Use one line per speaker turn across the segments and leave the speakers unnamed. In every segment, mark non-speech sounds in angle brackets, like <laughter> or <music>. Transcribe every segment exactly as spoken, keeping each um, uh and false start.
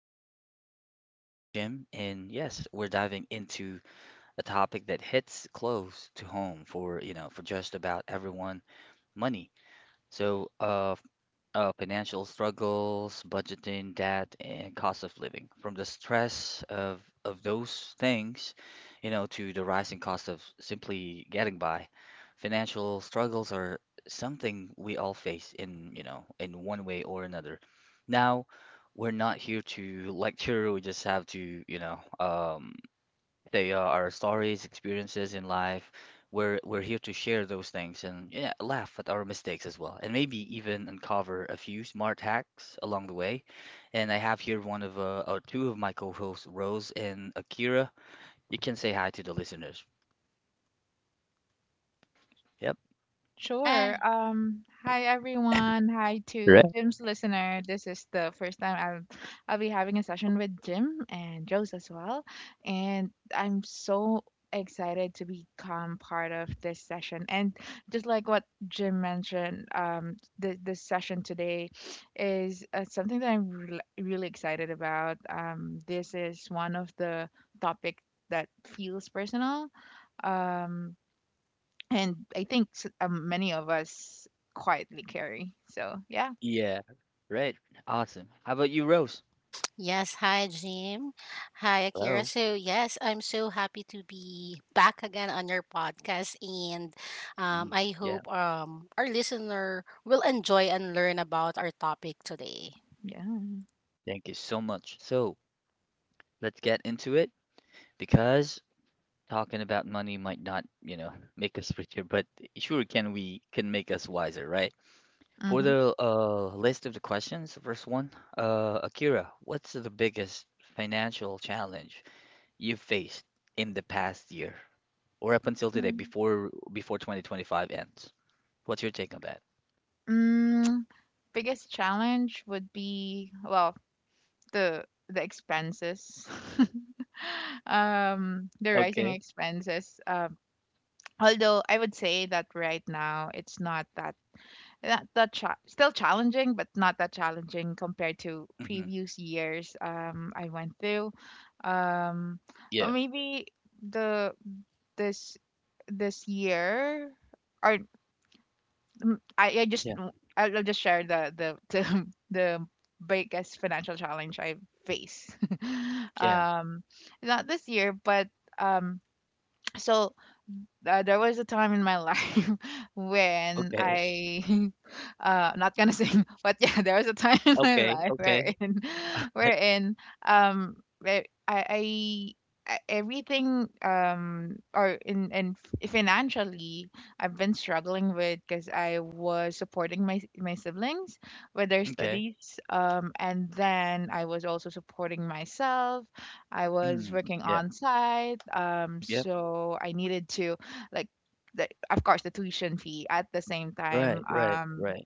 Show, I'm your host Jim, and yes, we're diving into a topic that hits close to home for, you know, for just about everyone, money. So, uh uh, Financial struggles, budgeting, debt, and cost of living. From the stress of of those things, you know, to the rising cost of simply getting by, financial struggles are something we all face in, you know, in one way or another. Now, we're not here to lecture. We just have to, you know, um, they are our stories, experiences in life. We're we're here to share those things and yeah, laugh at our mistakes as well, and maybe even uncover a few smart hacks along the way. And I have here one of uh, or two of my co-hosts, Rose and Akira. You can say hi to the listeners. Yep.
Sure.
Hi.
Um, hi everyone. Hi to
Correct.
Jim's listener. This is the first time I'll I'll be having a session with Jim and Joe's as well. And I'm so excited to become part of this session. And just like what Jim mentioned, um, the this session today is uh, something that I'm re really excited about. Um, this is one of the topic that feels personal. Um, and I think s- um, many of us quietly carry. So yeah,
Yeah. Right. Awesome. How about you, Rose?
Yes, hi Jim. Hi Akira.
Hello.
So, yes, I'm so happy to be back again on your podcast and
Mm,
um, I
yeah,
hope um, our listener will enjoy and learn about our topic today.
yeah.
thank you so much. So let's get into it because talking about money might not, you know, make us richer, but sure can we can make us wiser, right? For
Mm-hmm.
the uh, list of the questions, the first one, uh, Akira, what's the biggest financial challenge you've faced in the past year or up until today before before twenty twenty-five ends? What's your take on that?
Mm, biggest challenge would be well the the expenses, <laughs> um, the rising
Okay.
expenses. Um, although I would say that right now it's not that That that cha- still challenging, but not that challenging compared to
hmm
previous years. Um, I went through. Um, or
Yeah.
maybe the this this year or mm, I, I just
Yeah.
I'll I'll just share the the <laughs> the, the biggest financial challenge I face <laughs>
Yeah.
um not this year but um so uh, there was a time in my life <laughs> when
Okay.
I, <laughs> uh, not gonna sing, <laughs> but yeah, there was a time <laughs> in my
Okay.
life
Okay.
wherein, <laughs>
Right.
wherein, um, where I, I I- everything um or in and financially I've been struggling with because I was supporting my my siblings with their
Okay.
studies, um, and then I was also supporting myself. I was
Mm.
working
Yeah.
on site, um,
Yep.
so I needed to, like, the, of course the tuition fee at the same
Right.
time,
Right.
um
Right.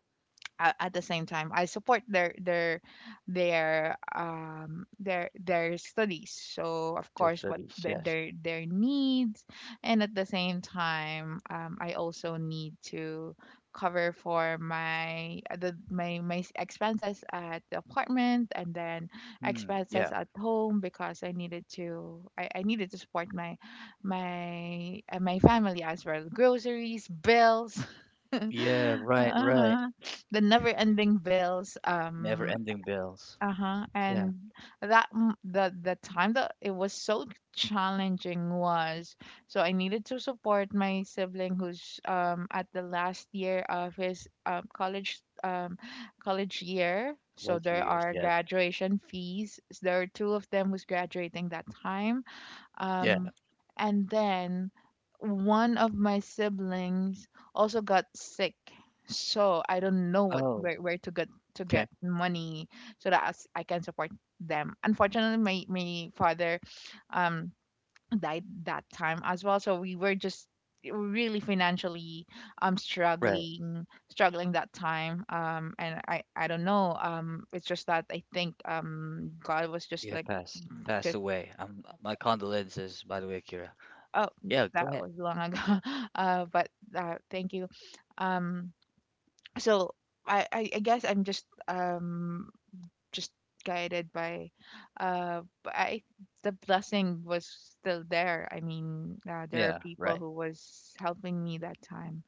a- at the same time I support their their their um their their studies, so of
Their
course what
studies.
the,
Yes.
their their needs, and at the same time, um, I also need to cover for my, uh, the my my s- expenses at the apartment, and then
Hmm. Yeah.
expenses at home, because I needed to i, I needed to support my my uh, my family as well, groceries, bills. <laughs> Uh
Yeah, right, right.
huh the never ending bills.
Never
Um
ending bills.
uh-huh
Yeah,
and that m- the the time that it was so challenging was, so I needed to support my sibling who's um at the last year of his um, college, um college year, so
later
there
years.
are
Yeah,
graduation fees, there are two of them who's graduating that time.
yeah.
Um, and then one of my siblings also got sick, so I don't know what
Oh,
where, where to get to
okay.
get money so that as- I can support them. Unfortunately, my my father um died that time as well, so we were just really financially um
Right.
struggling struggling that time. Um and i i don't know, um, it's just that I think um God was just
Yeah,
like.
pass, pass away. Um, my condolences, by the way, Kira.
Oh, mm,
Yeah, go
that
ahead.
was long ago. <laughs> Uh, but uh, thank you. Um, so I, I, I guess I'm just um just guided by, uh, b- I the blessing was still there. I mean, uh, there are
Yeah,
people
right,
who was helping me that time.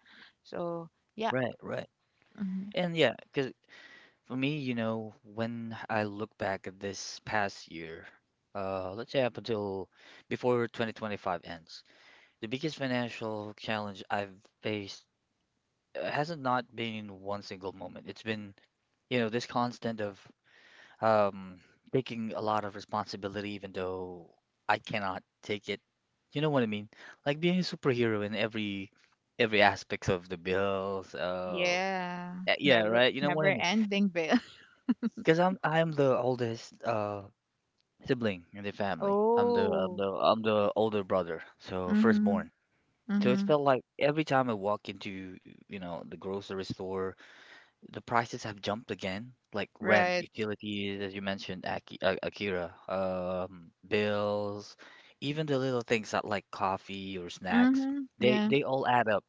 So yeah,
right, right.
mhm.
And yeah, because for me, you know, when I look back at this past year, uh, let's say up until before twenty twenty-five ends, the biggest financial challenge I've faced uh, hasn't not been in one single moment. It's been, you know, this constant of um, taking a lot of responsibility, even though I cannot take it. You know what I mean? Like being a superhero in every every aspects of the bills. Uh,
Yeah,
yeah, yeah,
never
right. You know what
never
I mean?
ending bill. <laughs>
Because I'm I'm the oldest uh sibling in the family. I'm the I'm
Oh,
the I'm the older brother, so
mhm,
firstborn. So it
mhm,
felt like every time I walk into, you know, the grocery store. The prices have jumped again, like rent,
right,
utilities, as you mentioned, Aki, uh, Akira, um, bills, even the little things that like coffee or snacks,
mhm,
they
yeah,
they all add up.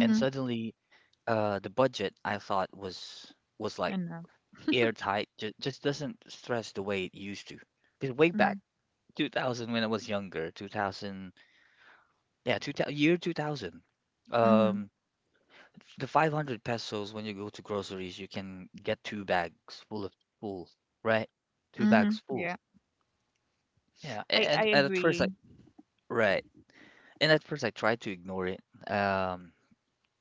And suddenly, uh, the budget I thought was was like
enough,
airtight, ju just doesn't stress the way it used to. Because way back
mhm,
two thousand when I was younger, two thousand, yeah, two thousand, year two thousand,
mhm.
um, the five hundred pesos when you go to groceries, you can get two bags full of full, right? Two
Mhm.
bags full.
Yeah.
Yeah, a-
I I
and, and at first
agree.
I right, and at first I tried to ignore it. Um,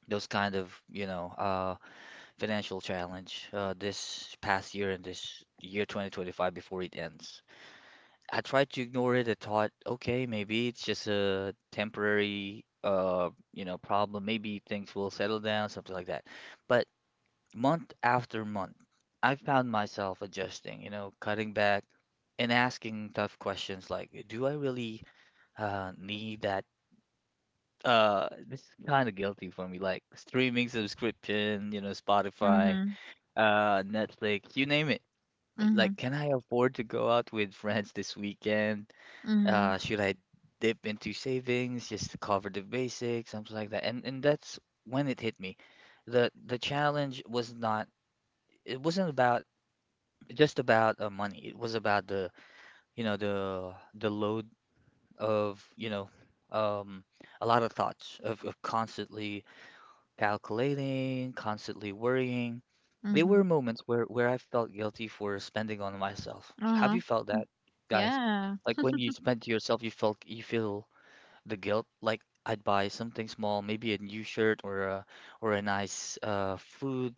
those kind of, you know, uh, financial challenge uh, this past year and this year twenty twenty-five before it ends. I tried to ignore it. I thought, okay, maybe it's just a temporary, uh, you know, problem. Maybe things will settle down, something like that. But month after month, I found myself adjusting, you know, cutting back and asking tough questions like, do I really uh, need that? Uh, this is kind of guilty for me, like streaming subscription, you know, Spotify,
Mhm.
uh, Netflix, you name it. Like,
Mhm.
can I afford to go out with friends this weekend? Uh,
Mhm.
should I dip into savings just to cover the basics, something like that? And and that's when it hit me. The the challenge was not, it wasn't about just about uh, money. It was about the, you know, the the load of, you know, um, a lot of thoughts of, of constantly calculating, constantly worrying. There were
Mhm.
moments where where I felt guilty for spending on myself. Have
Uh-huh.
you felt that, guys?
Yeah.
Like when you spend to yourself, you felt you feel the guilt. Like I'd buy something small, maybe a new shirt or a or a nice uh food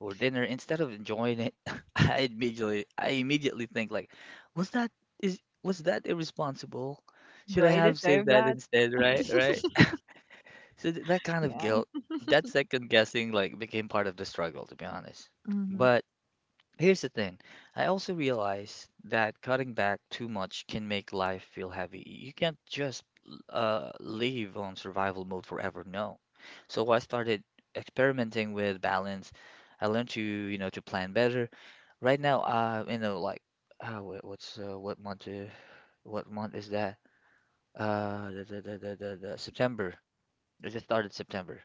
for dinner. Instead of enjoying it, <laughs> I immediately I immediately think like, was that is was that irresponsible?
Do
Should I
I
have saved
deserve
that
that?
instead, right? Right? So th- that kind of
Yeah.
guilt, that second guessing like became part of the struggle, to be honest.
Mhm.
But here's the thing. I also realize that cutting back too much can make life feel heavy. You can't just uh, live on survival mode forever. No. So I started experimenting with balance. I learned to, you know, to plan better. Right now, uh, you know, like, uh, wha- what's uh, what month? Uh, what month is that? Uh, the, the, the, the, the, the September. I just started September.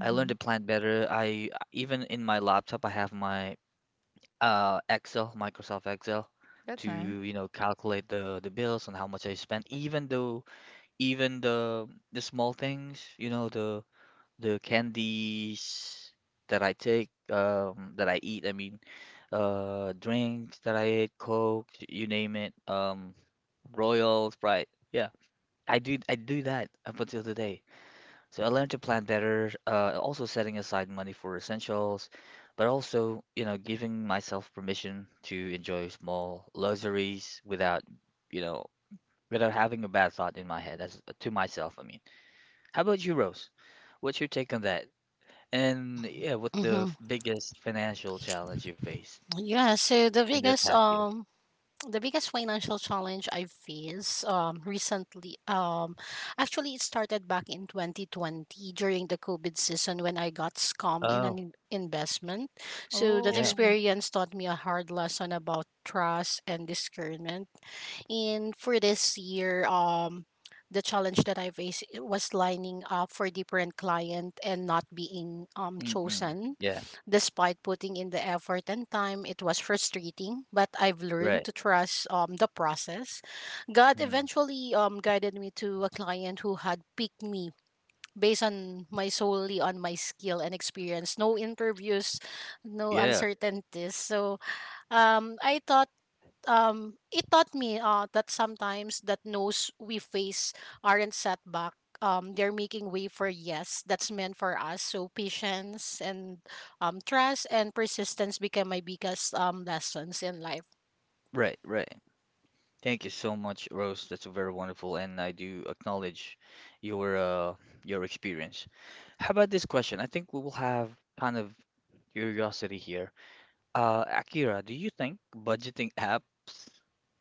I learned to plan better. I even in my laptop, I have my uh, Excel, Microsoft Excel,
That's
to
nice.
you know calculate the the bills and how much I spent. Even though even the the small things, you know the the candies that I take, um, that I eat. I mean, uh, drinks that I ate, Coke, you name it, um, Royal Sprite. Yeah, I do I do that up until today. So I learned to plan better, uh, also setting aside money for essentials, but also, you know, giving myself permission to enjoy small luxuries without, you know, without having a bad thought in my head as to myself, I mean. How about you, Rose? What's your take on that? And yeah, what's the
Mm-hmm.
f- biggest financial challenge you faced
Yeah, so the
in the
biggest
past year?
um the biggest financial challenge I faced um, recently, um, actually, it started back in twenty twenty during the COVID season when I got scammed in an
Oh,
in- investment. So that
yeah.
Oh.
experience taught me a hard lesson about trust and discernment. And for this year, um, the challenge that I faced, it was lining up for different client and not being um
Mm-mm.
chosen.
Yeah,
Despite putting in the effort and time, it was frustrating, but I've learned
right.
to trust um the process. God
Mm.
eventually um guided me to a client who had picked me based on my solely on my skill and experience. No interviews, no
Yeah,
uncertainties. So um I thought um it taught me uh that sometimes that no's we face aren't setback, um they're making way for yes that's meant for us. So patience and um trust and persistence became my biggest um lessons in life.
right, right. Thank you so much, Rose. That's very wonderful, and I do acknowledge your uh, your experience. How about this question? I think we will have kind of curiosity here. Uh, Akira, do you think budgeting apps,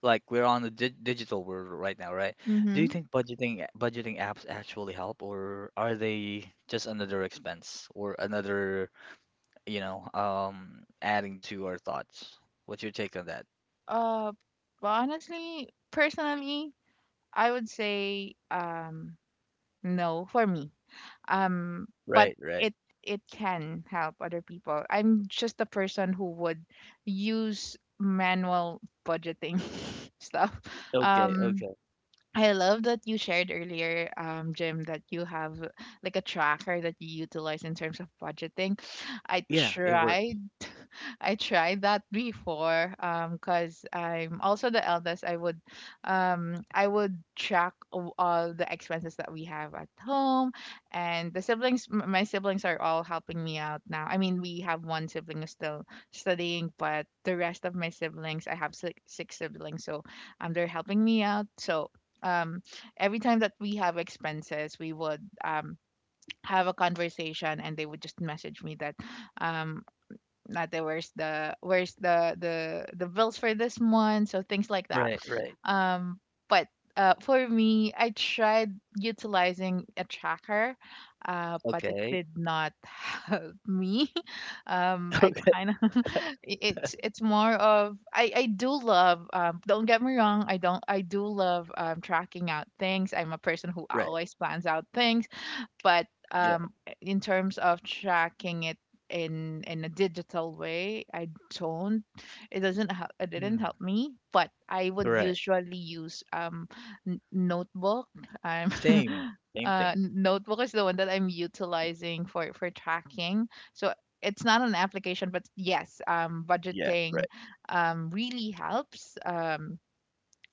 like we're on the di digital world right now, right? Do you
Mhm.
think budgeting budgeting apps actually help, or are they just another expense or another, you know, um, adding to our thoughts? What's your take on that?
Uh well, honestly, personally, I would say um no for me. Um but
Right, right.
it it can help other people. I'm just a person who would use manual budgeting <laughs> stuff.
Okay,
Um,
okay.
I love that you shared earlier, um, Jim, that you have like a tracker that you utilize in terms of budgeting. I
Yeah, it works.
try I tried that before, um, cuz I'm also the eldest. I would um I would track o- all the expenses that we have at home, and the siblings m- my siblings are all helping me out now. I mean, we have one sibling who's still studying, but the rest of my siblings, I have six, six siblings, so um they're helping me out. So um, every time that we have expenses, we would um have a conversation, and they would just message me that um not the where's the where's the the the bills for this month, so things like that.
Right, right.
Um, but uh, for me, I tried utilizing a tracker, uh, but it
Okay.
did not <laughs> help me. <laughs> Um,
<laughs>
I
Okay.
kind of <laughs> it it's it's more of, i I do love, um, don't get me wrong, I don't I do love, um, tracking out things. I'm a person who
Right.
always plans out things, but
Yeah.
um, in terms of tracking it in in a digital way, I don't. It doesn't. Help, it didn't help
Mm.
me. But I would
Right.
usually use, um, n- notebook. I'm. <laughs>
Same. Same
Uh,
thing.
n- notebook is the one that I'm utilizing for for tracking. So it's not an application, but yes, um,
Yeah.
budgeting
Right.
um really helps. Um,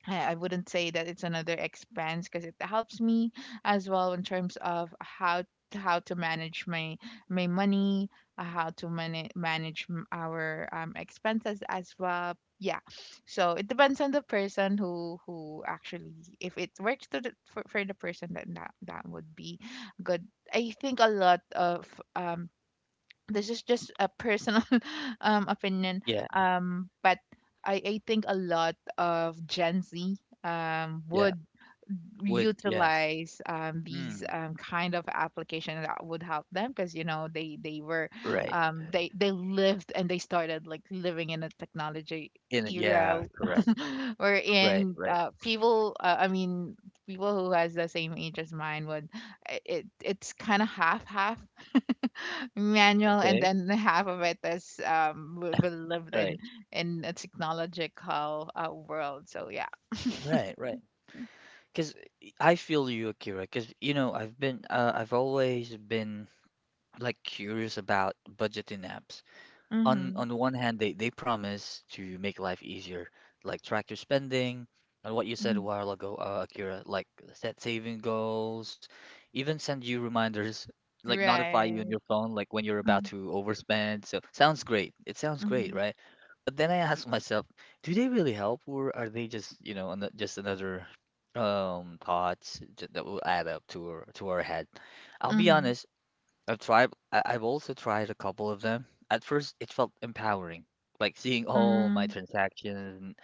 I I wouldn't say that it's another expense, because it helps me as well in terms of how how to manage my my money, uh, how to manage manage m- our um expenses as well. Yeah, so it depends on the person who who actually, if it works to the, for, for the person, then that that would be good. I think a lot of um, this is just a personal <laughs> um opinion,
Yeah.
um, but I, I think a lot of gen z um
Yeah.
would
Would. Yes.
utilize um these
Hmm.
um kind of application that would help them, because you know they they were,
Right.
um, they they lived, and they started like living in a technology
In. a-
era.
Yeah. Correct.
<laughs>
Right.
Wherein
Right.
uh, people, uh, i mean people who has the same age as mine would, it it's kind of half half manual, and
Okay.
then half of it is, um we, we lived in
Right.
in a technological uh world. So yeah,
Right. Right. Because I feel you, Akira. Because you know, I've been. Uh, I've always been like curious about budgeting apps. on
mm-hmm.
on the one hand, they they promise to make life easier, like track your spending, and what you said a
Hmm,
while ago, uh, Akira, like set saving goals, even send you reminders, like notify you on
right,
your phone like when you're about
mm-hmm.
to overspend. So sounds great, it sounds great,
Mm-hmm.
right? But then I ask myself, do they really help, or are they just you know ano- just another um thoughts ju- that will add up to our to our head. I'll be honest, I've tried, I- I've also tried a couple of them. At first, it felt empowering, like seeing all my
Mm-hmm.
transactions.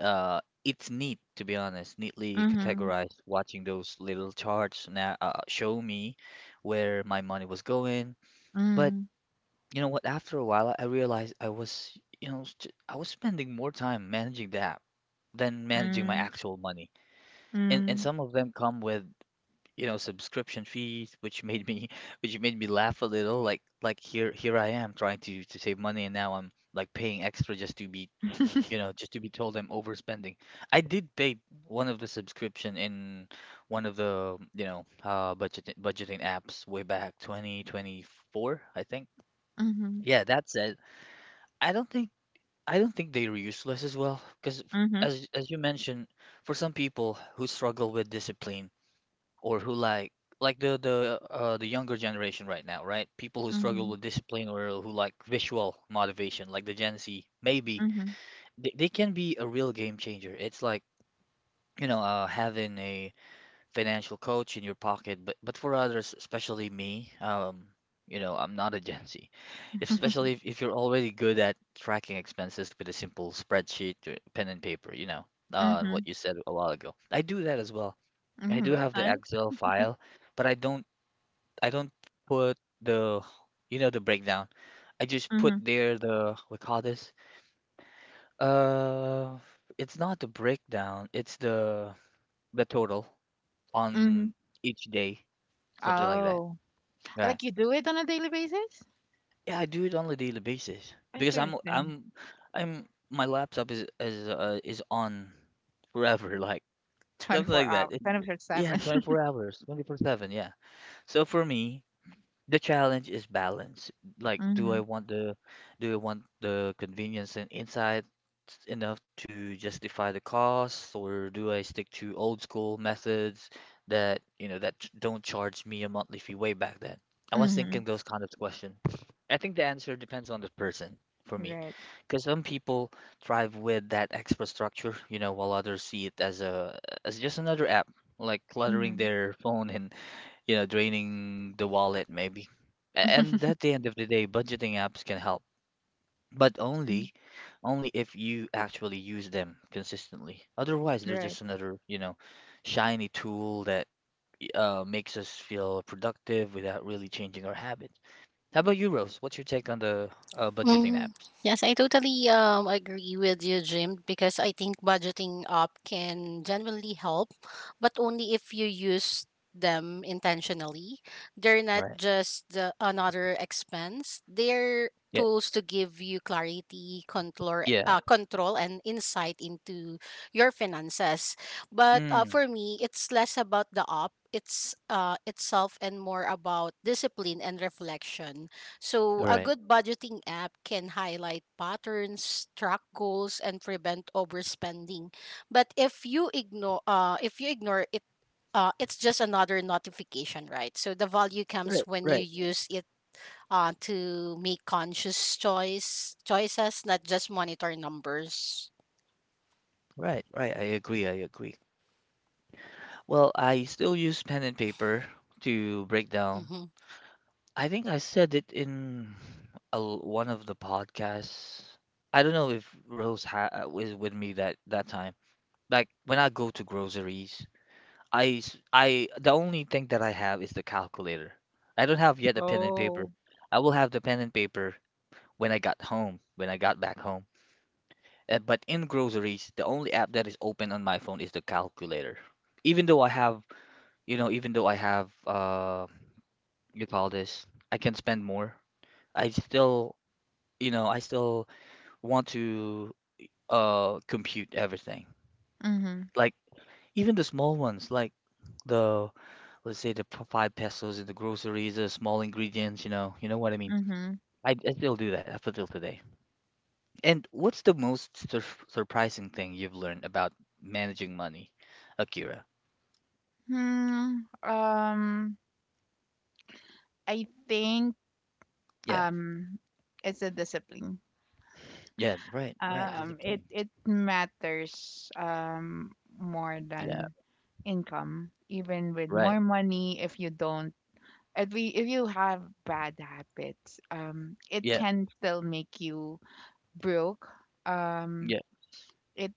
Uh, it's neat, to be honest, neatly
Mm-hmm.
categorized. Watching those little charts now uh, show me where my money was going.
Mm-hmm.
But
Mm-hmm.
you know what? After a while, I realized I was, you know, st- I was spending more time managing the app than managing my
Mm-hmm.
actual money. And and
Mm-hmm.
some of them come with you know subscription fees, which made me <laughs> which made me laugh a little. Like like here here I am trying to to save money, and now I'm like paying extra just to be you
<laughs>
know just to be told I'm overspending. I did pay one of the subscription in one of the you know uh budget budgeting apps way back twenty twenty-four, I think.
Mm-hmm.
Yeah, that said, I don't think I don't think they were useless as well, because
Mm-hmm.
as as you mentioned, for some people who struggle with discipline or who like like the the uh the younger generation right now, right? People who struggle
Mm-hmm.
with discipline or who like visual motivation, like the Gen Z, maybe
Mm-hmm.
they, they can be a real game changer. It's like, you know, uh having a financial coach in your pocket, but but for others, especially me, um, you know, I'm not a Gen Z. Especially if, if you're already good at tracking expenses with a simple spreadsheet or pen and paper, you know, uh, and what
Mm-hmm.
you said a while ago. I do that as well. I
Mm-hmm.
do
That's
have the
nice.
Excel file, but I don't I don't put the you know the breakdown. I just put
Mm-hmm.
there the we call this uh it's not the breakdown, it's the the total
Mm-hmm.
on each day, something like that.
Oh,
Right.
like you do it on a daily basis?
Yeah, I do it on a daily basis because I'm
Interesting.
I'm I'm my laptop is is uh, is on forever <laughs> like something
twenty-four
like that.
hours,
It,
24
yeah,
7. <laughs>
twenty-four hours, twenty-four seven, yeah. So for me, the challenge is balance. Like, do
Mm-hmm.
I want the do I want the convenience and insight enough to justify the cost, or do I stick to old school methods that, you know, that ch- don't charge me a monthly fee way back then? I was thinking
Mm-hmm.
those kind of question. I think the answer depends on the person for me,
Right.
because some people thrive with that extra structure, you know, while others see it as a as just another app, like cluttering
Mm-hmm.
their phone and you know, draining the wallet maybe. A-
Mm,
And at the end of the day, budgeting apps can help, but only
<laughs>
only if you actually use them consistently. Otherwise, they're
right.
just another, you know, shiny tool that y- uh, makes us feel productive without really changing our habits. How about you, Rose? What's your take on the uh, budgeting
Mm,
apps?
yes, I totally um agree with you, Jim, because I think budgeting up can genuinely help, but only if you use them intentionally. They're not
Right.
just the, another expense. They're
Yeah.
tools to give you clarity, control,
Yeah.
uh, control, and insight into your finances. But uh,
Mm,
for me, it's less about the up. It's uh itself and more about discipline and reflection. So a
right.
good budgeting app can highlight patterns, track goals, and prevent overspending. But if you ignore, uh, if you ignore it, uh, it's just another notification, right? So the value comes
Right.
when you
Right.
use it uh, to make conscious choice choices, not just monitor numbers.
Right. Right. I agree. I agree. Well, I still use pen and paper to break down
Mhm,
I think I said it in a, l- one of the podcasts. I don't know if Rose ha- uh, was with me that that time. Like when I go to groceries, I s- I- the only thing that I have is the calculator. I don't have yet a pen and paper.
Oh.
I will have the pen and paper when I got home, when I got back home. Uh, but in groceries, the only app that is open on my phone is the calculator. Even though I have, you know, even though I have uh you call this, I can spend more. I still you know, I still want to uh compute everything.
Mhm.
Like even the small ones, like the let's say the p- five pesos in the groceries, the small ingredients, you know, you know what I mean.
Mhm.
I, I still do that up until today. And what's the most sur surprising thing you've learned about managing money, Akira?
Hmm. Um. I think
Yeah,
um, it's a discipline.
yeah, right, right,
Um. It
discipline.
it matters um more
Yeah,
than income. Even with
right,
more money, if you don't, if we if you have bad habits, um, it
yeah,
can still make you broke. Um.
yeah,
It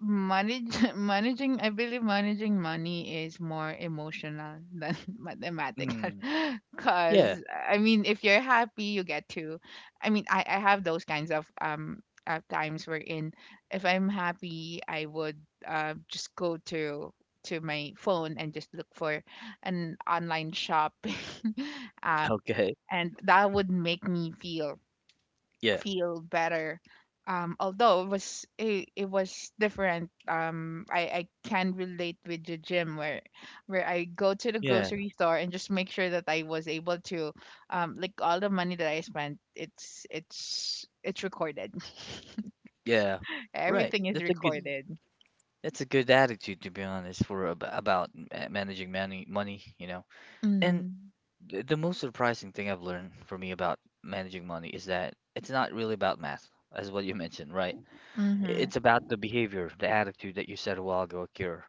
manage <laughs> Managing, I believe managing money is more emotional than <laughs> mathematical.
mm,
<laughs>
yeah,
Because I mean, if you're happy, you get to, i mean i i have those kinds of um uh times wherein, if I'm happy, I would uh just go to to my phone and just look for an online shopping <laughs> app,
okay,
and that would make me feel
yeah,
feel better. Um, although it was it, it was different. Um, I, I can relate with the gym, where where I go to the
yeah,
grocery store and just make sure that I was able to um, like, all the money that I spent, it's it's it's recorded.
yeah,
<laughs>
right.
Everything is
That's a good
mhm.
recorded.
That's a good attitude, to be honest, for ab- about ma- managing money, money, you know. And
Mm.
th- the most surprising thing I've learned for me about managing money is that it's not really about math, as what you mentioned, right? I- It's
Mm-hmm.
about the behavior, the attitude that you said a while ago, Akira.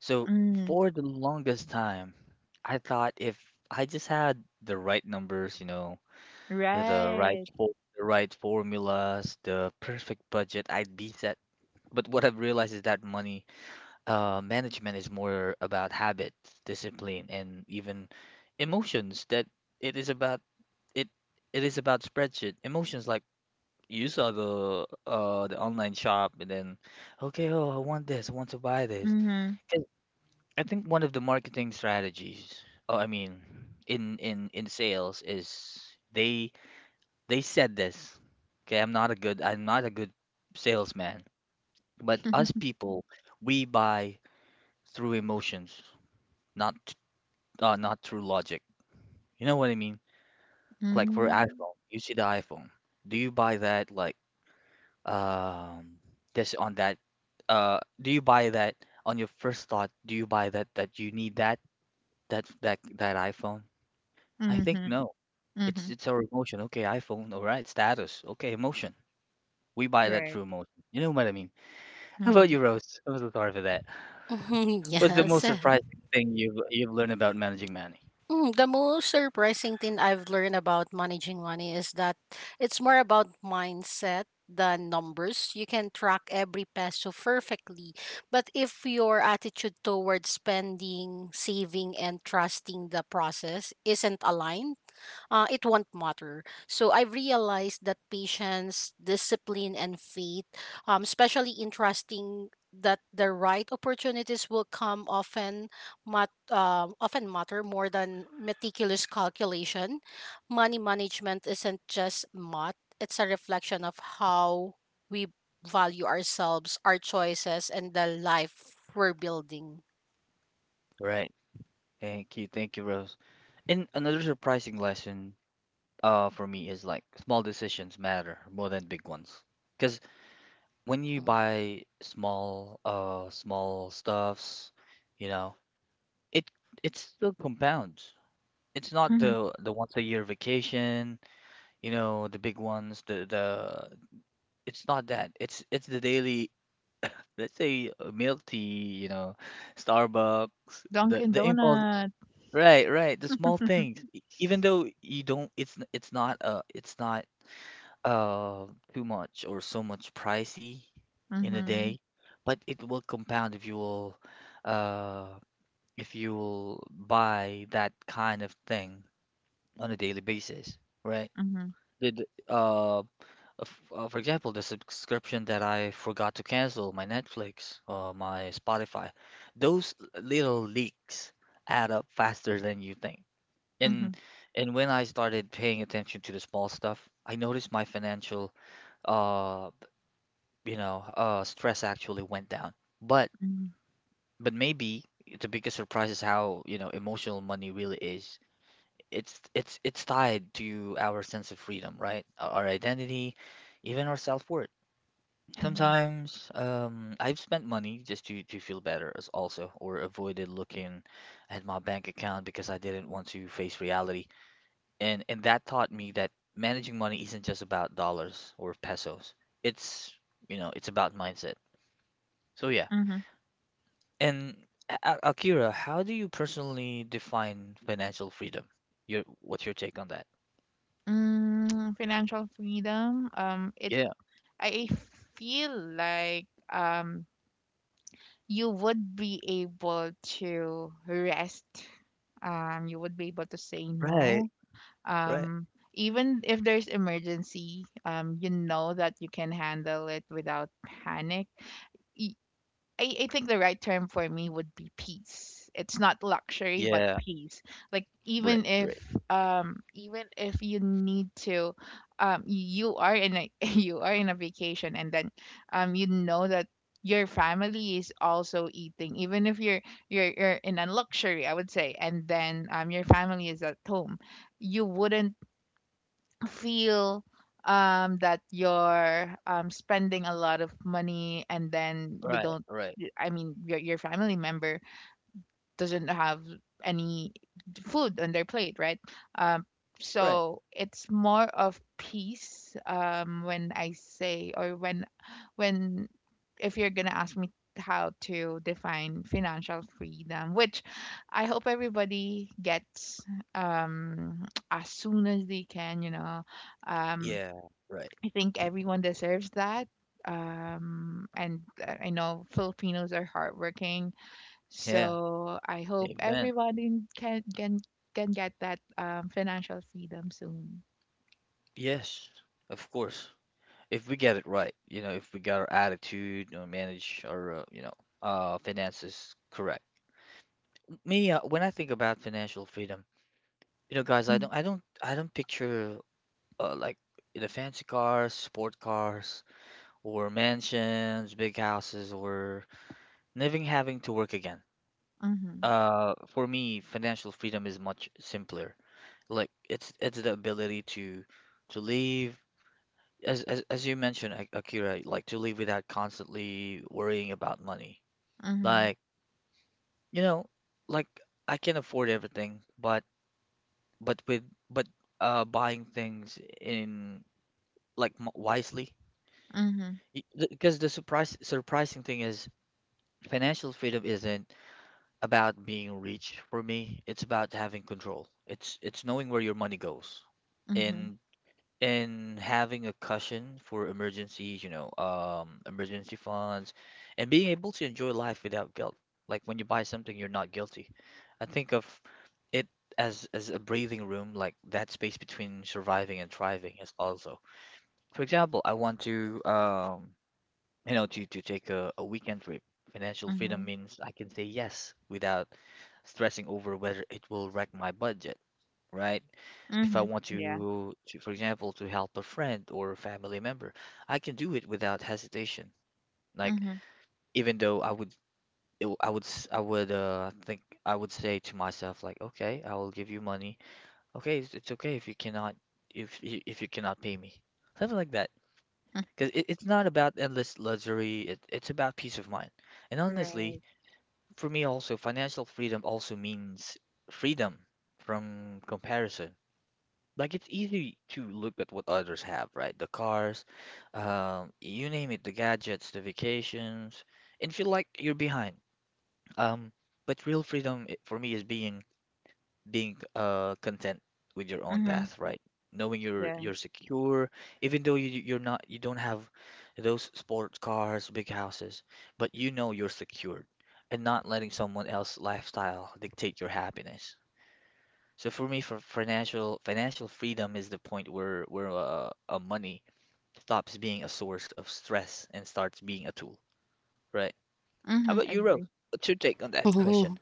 So
Mm. Mm.
for the longest time, I thought if I just had the right numbers, you know, the right
Right.
fo- the right formulas, the perfect budget, I'd be set. But what I've realized is that money uh, management is more about habits, discipline, and even emotions. That it is about it. It is about spreadsheet emotions. Like you saw the uh the online shop, and then okay, oh, I want this. I want to buy this.
Mm-hmm.
'Cause I think one of the marketing strategies. Oh, I mean, in in in sales is they they said this. Okay, I'm not a good. I'm not a good salesman. But us people, we buy through emotions, not uh, not through logic. You know what I mean? Like for
Mm.
iPhone, you see the iPhone. Do you buy that like um this on that uh do you buy that on your first thought? Do you buy that that you need that that that that iPhone? I think
Mm-hmm.
no. It's
Mm-hmm.
it's our emotion. Okay, iPhone. All right, status. Okay, emotion. We buy that
Right.
through emotion. You know what I mean? How about
Mm-hmm.
you, Rose? I'm so sorry for that.
Mhm, <laughs>
What's the
yes.
most surprising thing you've you've learned about managing money?
Mm, the most surprising thing I've learned about managing money is that it's more about mindset than numbers. You can track every peso perfectly, but if your attitude towards spending, saving, and trusting the process isn't aligned, uh, it won't matter. So I've realized that patience, discipline, and faith, um, especially in trusting that the right opportunities will come often mat- um often matter more than meticulous calculation. Money management isn't just math, it's a reflection of how we value ourselves, our choices, and the life we're building.
Right. Thank you, thank you, Rose. And another surprising lesson uh for me is like small decisions matter more than big ones. Because when you buy small uh small stuffs, you know, it it still compounds. It's not
Mm-hmm.
the the once a year vacation, you know, the big ones, the the it's not that. It's it's the daily, let's say uh, milk tea, you know, Starbucks, the
Dunkin'
the impulse.
Donut.
Right, right. The small things, E- even though you don't, it's n- it's not uh it's not uh too much or so much pricey in a
Mm-hmm.
day, but it will compound if you will uh if you will buy that kind of thing on a daily basis, right?
Mm-hmm.
The the uh, f- uh for example, the subscription that I forgot to cancel, my Netflix, uh, my Spotify, those little leaks add up faster than you think. And
Mhm,
and when I started paying attention to the small stuff, I noticed my financial uh you know uh stress actually went down. But
mhm,
but maybe the biggest surprise is how, you know, emotional money really is. It's it's it's tied to our sense of freedom, right? Our our identity, even our self-worth.
mhm,
Sometimes um I've spent money just to to feel better as also or avoided looking at my bank account because I didn't want to face reality and and that taught me that managing money isn't just about dollars or pesos. It's you know it's about mindset. So yeah.
mhm.
And A- A- Akira, how do you personally define financial freedom? Your what's your take on that?
Mm, financial freedom. Um, it
Yeah.
I feel like um you would be able to rest. Um, you would be able to say
Right.
no.
Right.
Um, even if there's emergency, um, you know that you can handle it without panic. Y- I, I think the right term for me would be peace. It's not luxury, but
Yeah.
peace. Like,
Right.
even
Right.
if um, even if you need to um, you are in a <laughs> you are in a vacation, and then um you know that your family is also eating, even if you're you're you're in a luxury, I would say, and then um your family is at home, you wouldn't feel um that you're um spending a lot of money, and then you
Right.
don't,
Right.
y- I mean, your your family member doesn't have any food on their plate, right? Um,
Right.
so it's more of peace um when I say or when when if you're going to ask me how to define financial freedom, which I hope everybody gets, um, <tsk> as soon as they can, you know. Um,
Yeah. Right.
I think everyone deserves that. Um, and uh, I know Filipinos are hardworking,
Yeah.
so I hope
Amen.
everybody can can can get that um financial freedom soon.
Yes. Of course. If we get it right, you know, if we got our attitude, or manage our, uh, you know, uh, finances correct. Me, uh, when I think about financial freedom, you know, guys, I
Mm.
don't, I don't, I don't picture uh, like the fancy cars, sport cars, or mansions, big houses, or living having to work again.
Mhm.
Uh, for me, financial freedom is much simpler. Like it's it's the ability to to live, as as, as you mentioned, Ak- Akira, like to live without constantly worrying about money.
Mhm.
Like, you know, like I can afford everything, but but with but uh buying things in like m- wisely
Mhm.
because the surprise surprising thing is financial freedom isn't about being rich for me, it's about having control, it's it's knowing where your money goes
Mhm.
and and having a cushion for emergencies, you know um emergency funds, and being able to enjoy life without guilt, like when you buy something you're not guilty. I think of it as as a breathing room, like that space between surviving and thriving is also. For example, I want to um you know to to take a, a weekend trip. Financial freedom
Mhm.
means I can say yes without stressing over whether it will wreck my budget, right? If I
Mhm.
want
Yeah.
to, to, for example, to help a friend or a family member, I can do it without hesitation. Like
Mhm.
even though I would it, w- I would s- I would uh think I would say to myself like, okay, I will give you money. Okay, it's, it's okay if you cannot if you- if you cannot pay me. Something like that. Because it, it's not about endless luxury, it, it's about peace of mind. And honestly,
Right.
for me also, financial freedom also means freedom from comparison. Like it's easy to look at what others have, right? The cars, um, you name it, the gadgets, the vacations, and feel like you're behind. Um, but real freedom, i- for me, is being being uh content with your own
Mhm.
path, right? Knowing you're
Yeah.
you're secure, even though you you're not you don't have those sports cars, big houses, but you know you're secured and not letting someone else's lifestyle dictate your happiness. So for me, for financial financial freedom is the point where where uh, uh, money stops being a source of stress and starts being a tool, right? How
Mhm,
about
I
you, Rose?
agree.
What's your take on that question?
Mhm.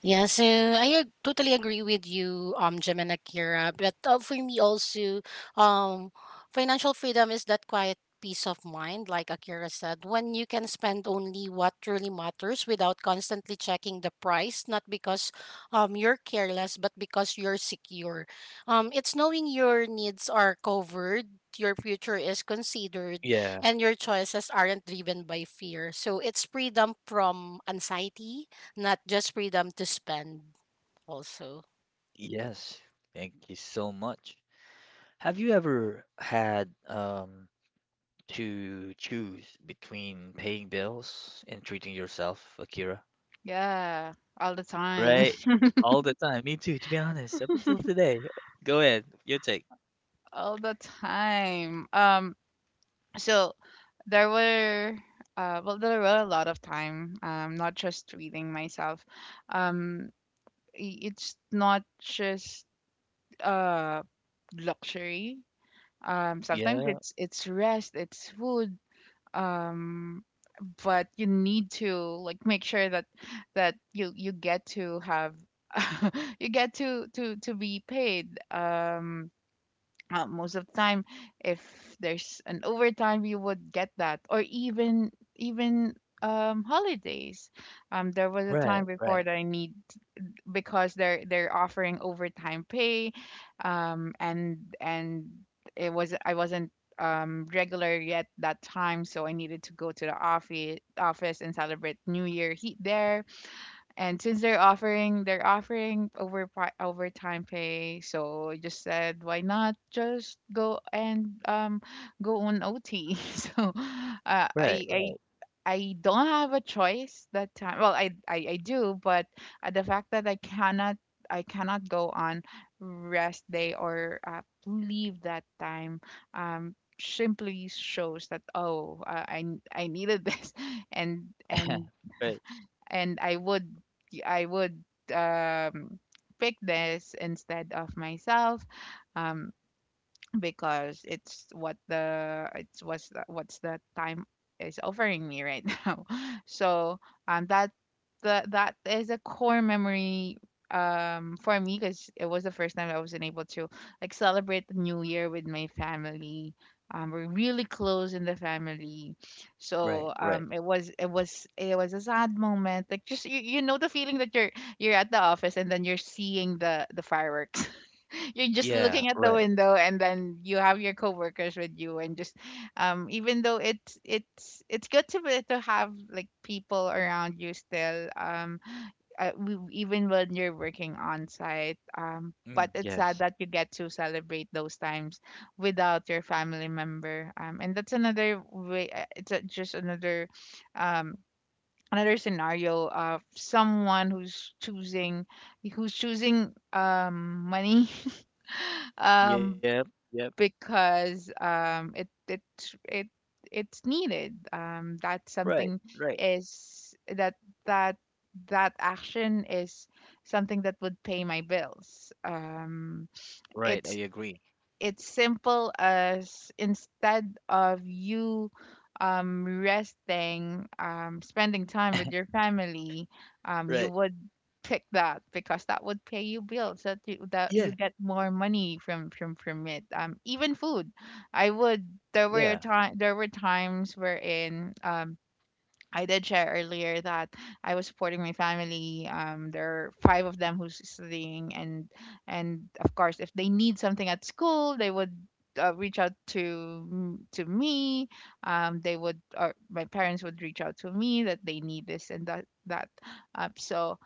Yeah, so I ag- totally agree with you, um, Jim and Akira. But uh, for me also, um, financial freedom is that quiet peace of mind, like Akira said, when you can spend only what truly matters without constantly checking the price, not because um, you're careless, but because you're secure. Um, it's knowing your needs are covered. Your future is considered,
Yeah.
and your choices aren't driven by fear. So it's freedom from anxiety, not just freedom to spend also.
Yes. Thank you so much. Have you ever had um to choose between paying bills and treating yourself, Akira?
Yeah, all the time.
Right?
<laughs>
All the time. Me too, to be honest, up until today. Go ahead, your take.
All the time. Um, so there were uh, well there were a lot of time um, not just reading myself. Um, I- it's not just uh luxury. Um, sometimes
Yeah.
it's it's rest, it's food. Um but you need to like make sure that that you you get to have <laughs> you get to to to be paid um uh, most of the time. If there's an overtime you would get that, or even even um holidays. Um there was a
Right,
time before
right,
that I need, because they're they're offering overtime pay, um and and it was I wasn't um regular yet that time, so I needed to go to the office office and celebrate new year heat there. And since they're offering they're offering over overtime pay, so I just said why not just go, and um go on O T. <laughs> So uh, I
right,
I
right.
I don't have a choice that time. Well, I I, I do, but uh, the fact that I cannot I cannot go on rest day or uh, leave that time um simply shows that oh uh, I I needed <laughs> this. and and
<laughs> Right,
and I would I would um pick this instead of myself. Um because it's what the it's what's the, what's the time is offering me right <laughs> now. So um that that that is a core memory, um for me, because it was the first time I wasn't able to like celebrate the new year with my family. Um, we're really close in the family, so
right, right.
um, it was it was it was a sad moment. Like just you, you know the feeling that you're you're at the office, and then you're seeing the the fireworks, you're just
Yeah,
looking at the
right.
window, and then you have your coworkers with you, and just um, even though it's it's it's good to be, to have like people around you still, um, uh, w- even when you're working on site um. But
Mm,
it's sad
yes.
that you get to celebrate those times without your family member, um, and that's another way. uh, It's a, just another um, another scenario of someone who's choosing who's choosing um money. <laughs> um
Yep, yep.
because um, it it it it's needed. Um, that
Right,
something
right,
is that that that action is something that would pay my bills. Um,
right.
it's
I agree.
it's simple as instead of you um, resting, um, spending time with your family, um, you
Right.
would pick that because that would pay you bills, that you, that you
Yeah,
get more money from from from it, um even food. I would There were
yeah,
time there were times wherein um I did share earlier that I was supporting my family. Um, there are five of them who's studying, and and of course, if they need something at school, they would uh, reach out to m- to me. Um, they would, or my parents would reach out to me that they need this and that that. Uh, so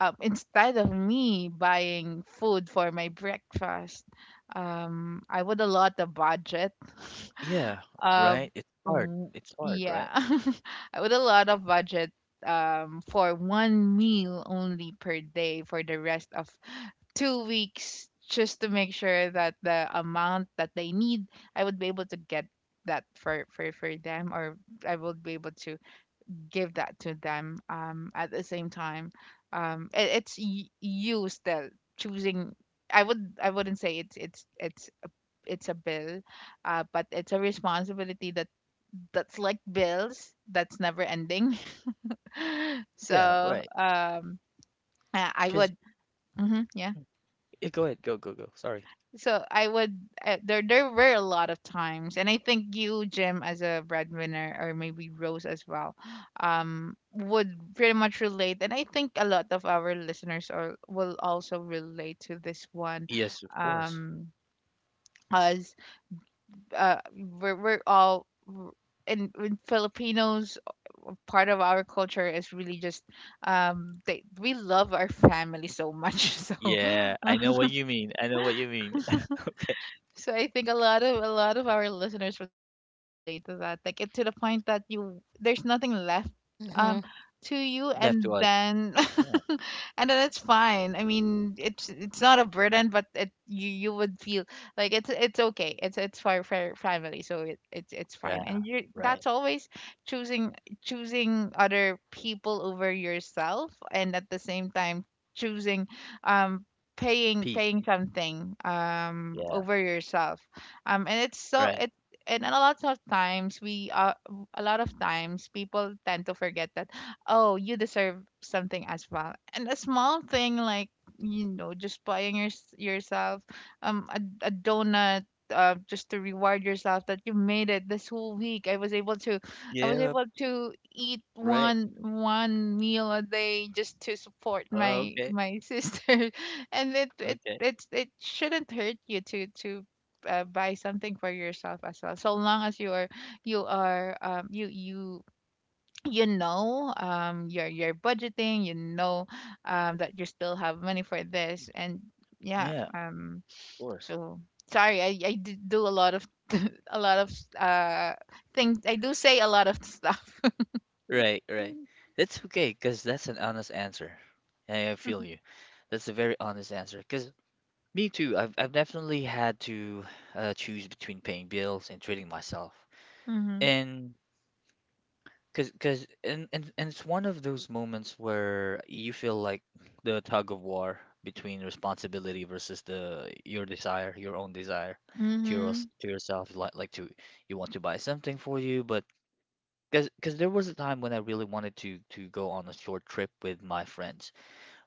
um, instead of me buying food for my breakfast, um, I would allot a budget <laughs>
yeah.
of,
Right. It's hard.
w-
It's hard,
yeah,
right?
<laughs> I would allot a budget um, for one meal only per day for the rest of two weeks, just to make sure that the amount that they need, I would be able to get that for, for, for them, or I would be able to give that to them, um, at the same time. Um, it, it's y- you still choosing. i would I wouldn't say it's it's it's it's a bill, uh, but it's a responsibility that that's like bills that's never ending. <laughs>
Yeah,
So
right.
um, i I would.
'Cause
Mhm, yeah.
yeah, go ahead. Go, go, go. Sorry.
So I would uh, there there were a lot of times, and I think you, Jim, as a breadwinner, or maybe Rose as well, um, would pretty much relate, and I think a lot of our listeners are will also relate to this one,
Yes, of course.
um, as uh, we're we're all. w- In, in Filipinos, part of our culture is really just um, they we love our family so much. <laughs> So,
Yeah, I know what you mean. I know what you mean. <laughs> Okay.
so I think a lot of a lot of our listeners would be able to relate to that. Like, it to the point that you there's nothing left um
Mm-hmm.
to you,
Left
and
to us.
then
Yeah.
and then it's fine. I mean, it's it's not a burden, but it you you would feel like it's it's okay. It's it's for for family, so it, it's it's fine.
Yeah.
And you
Right.
that's always choosing choosing other people over yourself, and at the same time choosing um paying
Peace.
paying something um
Yeah.
over yourself. Um and it's so
Right.
it and a lot of times we uh, a lot of times people tend to forget that, oh, you deserve something as well. And a small thing like, you know, just buying your, yourself um a, a donut, uh, just to reward yourself that you made it this whole week. I was able to I was
Yeah.
able to eat
Right.
one one meal a day just to support my
Okay.
my <laughs> sister. And it it
Okay.
it, it shouldn't hurt you to to uh, buy something for yourself as well, so long as you are you are um, you you you know um your are budgeting, you know, um that you still have money for this, and yeah
Yeah. Of
um
course.
so sorry, i i d- do a lot of <laughs> a lot of uh things I do say a lot of stuff.
Right. Right. That's okay because that's an honest answer. I I feel you. That's a very honest answer because me too. I've I've definitely had to uh, choose between paying bills and treating myself.
<laughs> Mhm.
And Cause, cause, and, and and it's one of those moments where you feel like the tug of war between responsibility versus the your desire, your own desire to your,
Mhm.
to yourself, like like to you want to buy something for you, but cause, cause there was a time when I really wanted to to go on a short trip with my friends.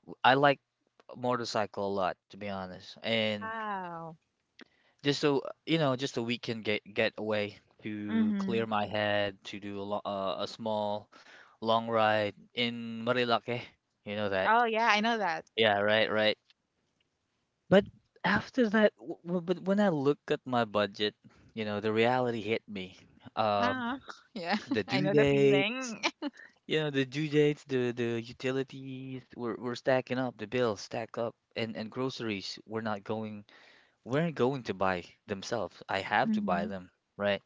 W- I like motorcycle a lot, to be honest, and
Wow.
just so you know, just a weekend get get away to clear
Mhm.
my head, to do a lo uh, a small long ride in Marilake. You know that.
Oh yeah, I know that.
Yeah, right, right. But after that, w w- but when I look at my budget, you know, the reality hit me. Um,
Ah, <laughs> yeah,
the
<laughs> I
due
know the
dates,
feeling. <laughs>
you know, the due dates, the the utilities were were stacking up, the bills stack up, and and groceries were not going, weren't going to buy themselves. I have to buy
Mhm.
them, right?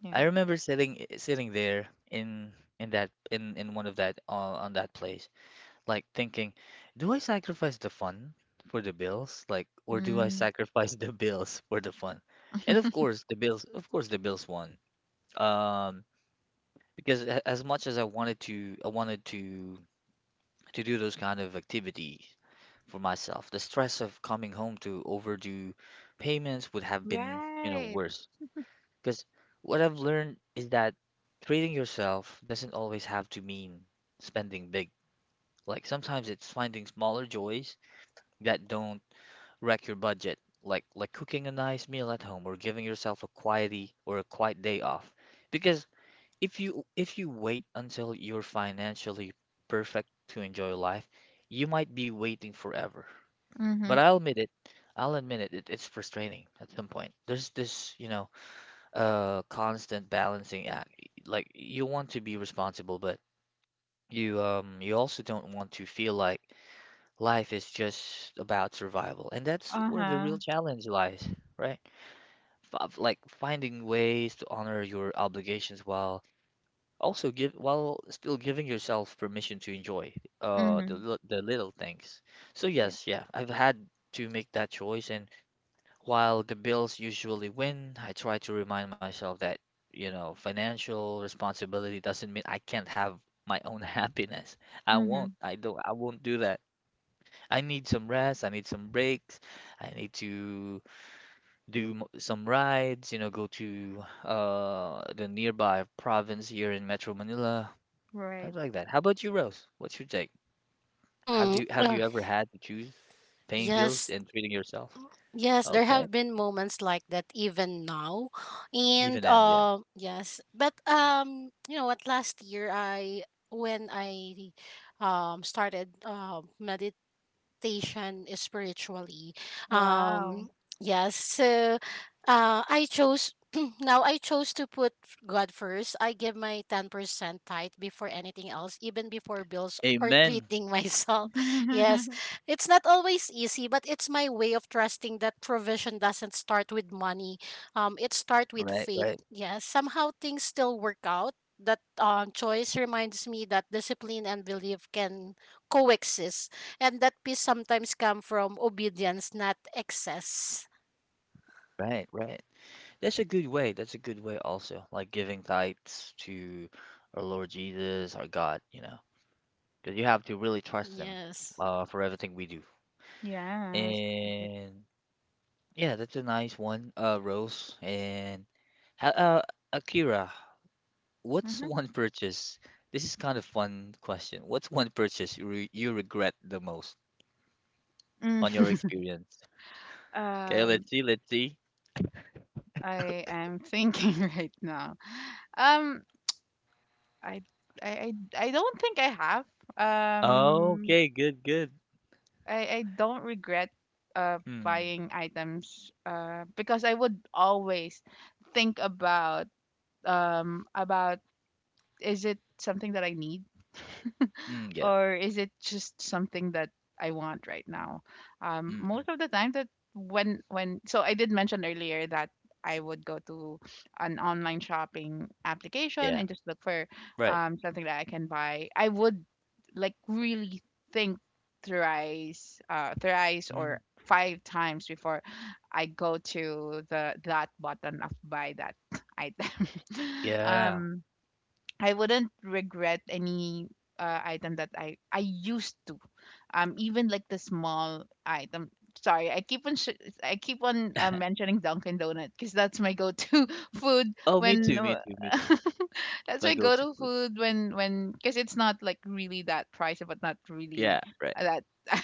Yeah.
I remember sitting eh, sitting there in in that in in one of that uh, on that place, like thinking, do I sacrifice the fun for the bills? Like, or do I
Mm.
sacrifice <laughs> the bills for the fun? And of course, the bills, of course, the bills won. Um, because a- as much as I wanted to I wanted to to do those kind of activities for myself, the stress of coming home to overdue payments would have been, you know,
Right.
worse. Because what I've learned is that treating yourself doesn't always have to mean spending big. Like sometimes it's finding smaller joys that don't wreck your budget, like like cooking a nice meal at home or giving yourself a quiety or a quiet day off. Because if you if you wait until you're financially perfect to enjoy life, you might be waiting forever. But
Mhm.
I'll admit it, I'll admit it, it it's frustrating at some point. There's this, you know, a constant balancing act. Like you want to be responsible, but you um you also don't want to feel like life is just about survival. And that's where the real
Uh-huh.
challenge lies, right? F like finding ways to honor your obligations while also give while still giving yourself permission to enjoy uh the
Mhm.
lit- the little things. So
Yeah.
yes, yeah, I've had to make that choice and. While the Bills usually win, I try to remind myself that, you know, financial responsibility doesn't mean I can't have my own <laughs> happiness. I won't.
Mhm.
I don't. I won't do that. I need some rest. I need some breaks. I need to do m- some rides. You know, go to uh the nearby province here in Metro Manila. Things
Right.
like that. How about you, Rose? What's your take? Have
Hmm.
you have
Uh,
you ever had to choose paying bills
yes.
and treating yourself?
Yes, there
Okay,
have been moments like that even now
even
and
now, yeah.
um yes, but um you know what, last year I when i um started uh, meditating station spiritually.
Wow.
Um, yes, so uh, I chose. <clears throat> Now I chose to put f- God first. I give my ten percent tithe before anything else, even before bills or
Amen.
treating <laughs> myself. Yes,
<laughs>
it's not always easy, but it's my way of trusting that provision doesn't start with money. Um, it starts with
Right,
faith.
right,
Yes, somehow things still work out. That um, choice reminds me that discipline and belief can coexist and that peace sometimes come from obedience, not excess.
right, right. That's a good way. That's a good way also. Like giving thanks to our Lord Jesus, our God, you know. Because you have to really trust him
Yes.
uh for everything we do.
Yes.
And yeah, that's a nice one, uh Rose. And ha- uh Akira, what's
Mhm.
one purchase? This is kind of fun question. What's one purchase you re you regret the most on
Mm.
your experience? Okay,
Um,
let's see, let's see.
I
<laughs>
am thinking <laughs> right now. Um, I, I, I, I don't think I have. Um,
Okay, good, good.
I, I don't regret uh
Mm,
buying items, uh because I would always think about um about is it something that I need?
mm,
Or is it just something that I want right now? Um,
mm,
most of the time that when when so I did mention earlier that I would go to an online shopping application
yeah,
and just look for
right.
um, something that I can buy. I would like really think thrice, uh, thrice or
Mm,
five times before I go to the that button of buy that <laughs> item. <laughs>
yeah.
um, I wouldn't regret any uh, item that I I used to, um, even like the small item. Sorry, I keep on sh- I keep on uh,
<laughs>
mentioning Dunkin' Donut because that's my go-to <laughs> food
Oh, me
when
too, me
uh,
too, me too.
<laughs>
It's
that's
My
my
go-to
go-to
food.
food when when because it's not like really that pricey, but not really
Yeah, right.
that. <laughs>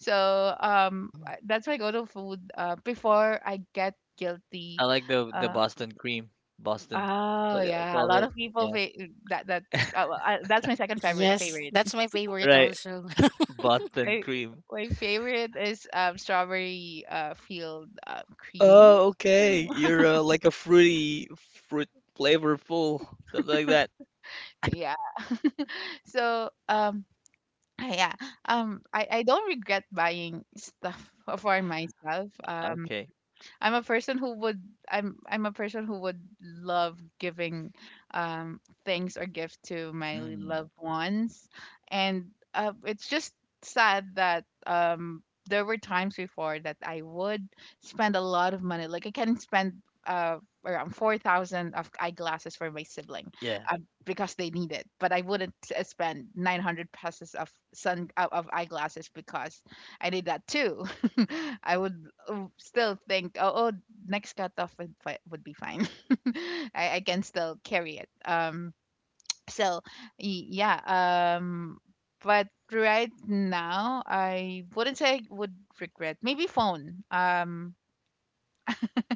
So um,
Mm.
I- that's my go-to food, uh, before I get guilty.
I like the the
uh,
Boston cream. Boston,
Oh,
what do I
yeah, a
call
lot
it?
of people
Yeah,
fa- mm, that that uh, well, I, that's my second favorite
Yes,
favorite.
that's my favorite
right.
also. <laughs>
Boston
I
cream.
My favorite is um strawberry uh field, uh, cream.
Oh, okay.
Mm. <laughs>
You're uh, like a fruity, fruit flavorful, something like that.
Yeah. So um ah, yeah. um I I don't regret buying stuff <laughs> for myself. Um
Okay.
I'm a person who would I'm I'm a person who would love giving um things or gift to my
Mm,
loved ones. And uh, it's just sad that um there were times before that I would spend a lot of money. Like I can spend uh around four thousand of eyeglasses for my sibling,
yeah.
uh, because they need it. But I wouldn't uh, spend nine hundred pesos of sun uh, of eyeglasses because I need that too. <laughs> I would uh, still think, oh, oh, next cutoff would fi- would be fine. <laughs> I, I can still carry it. Um, so y- yeah. Um, but right now, I wouldn't say I would regret. Maybe phone. Um,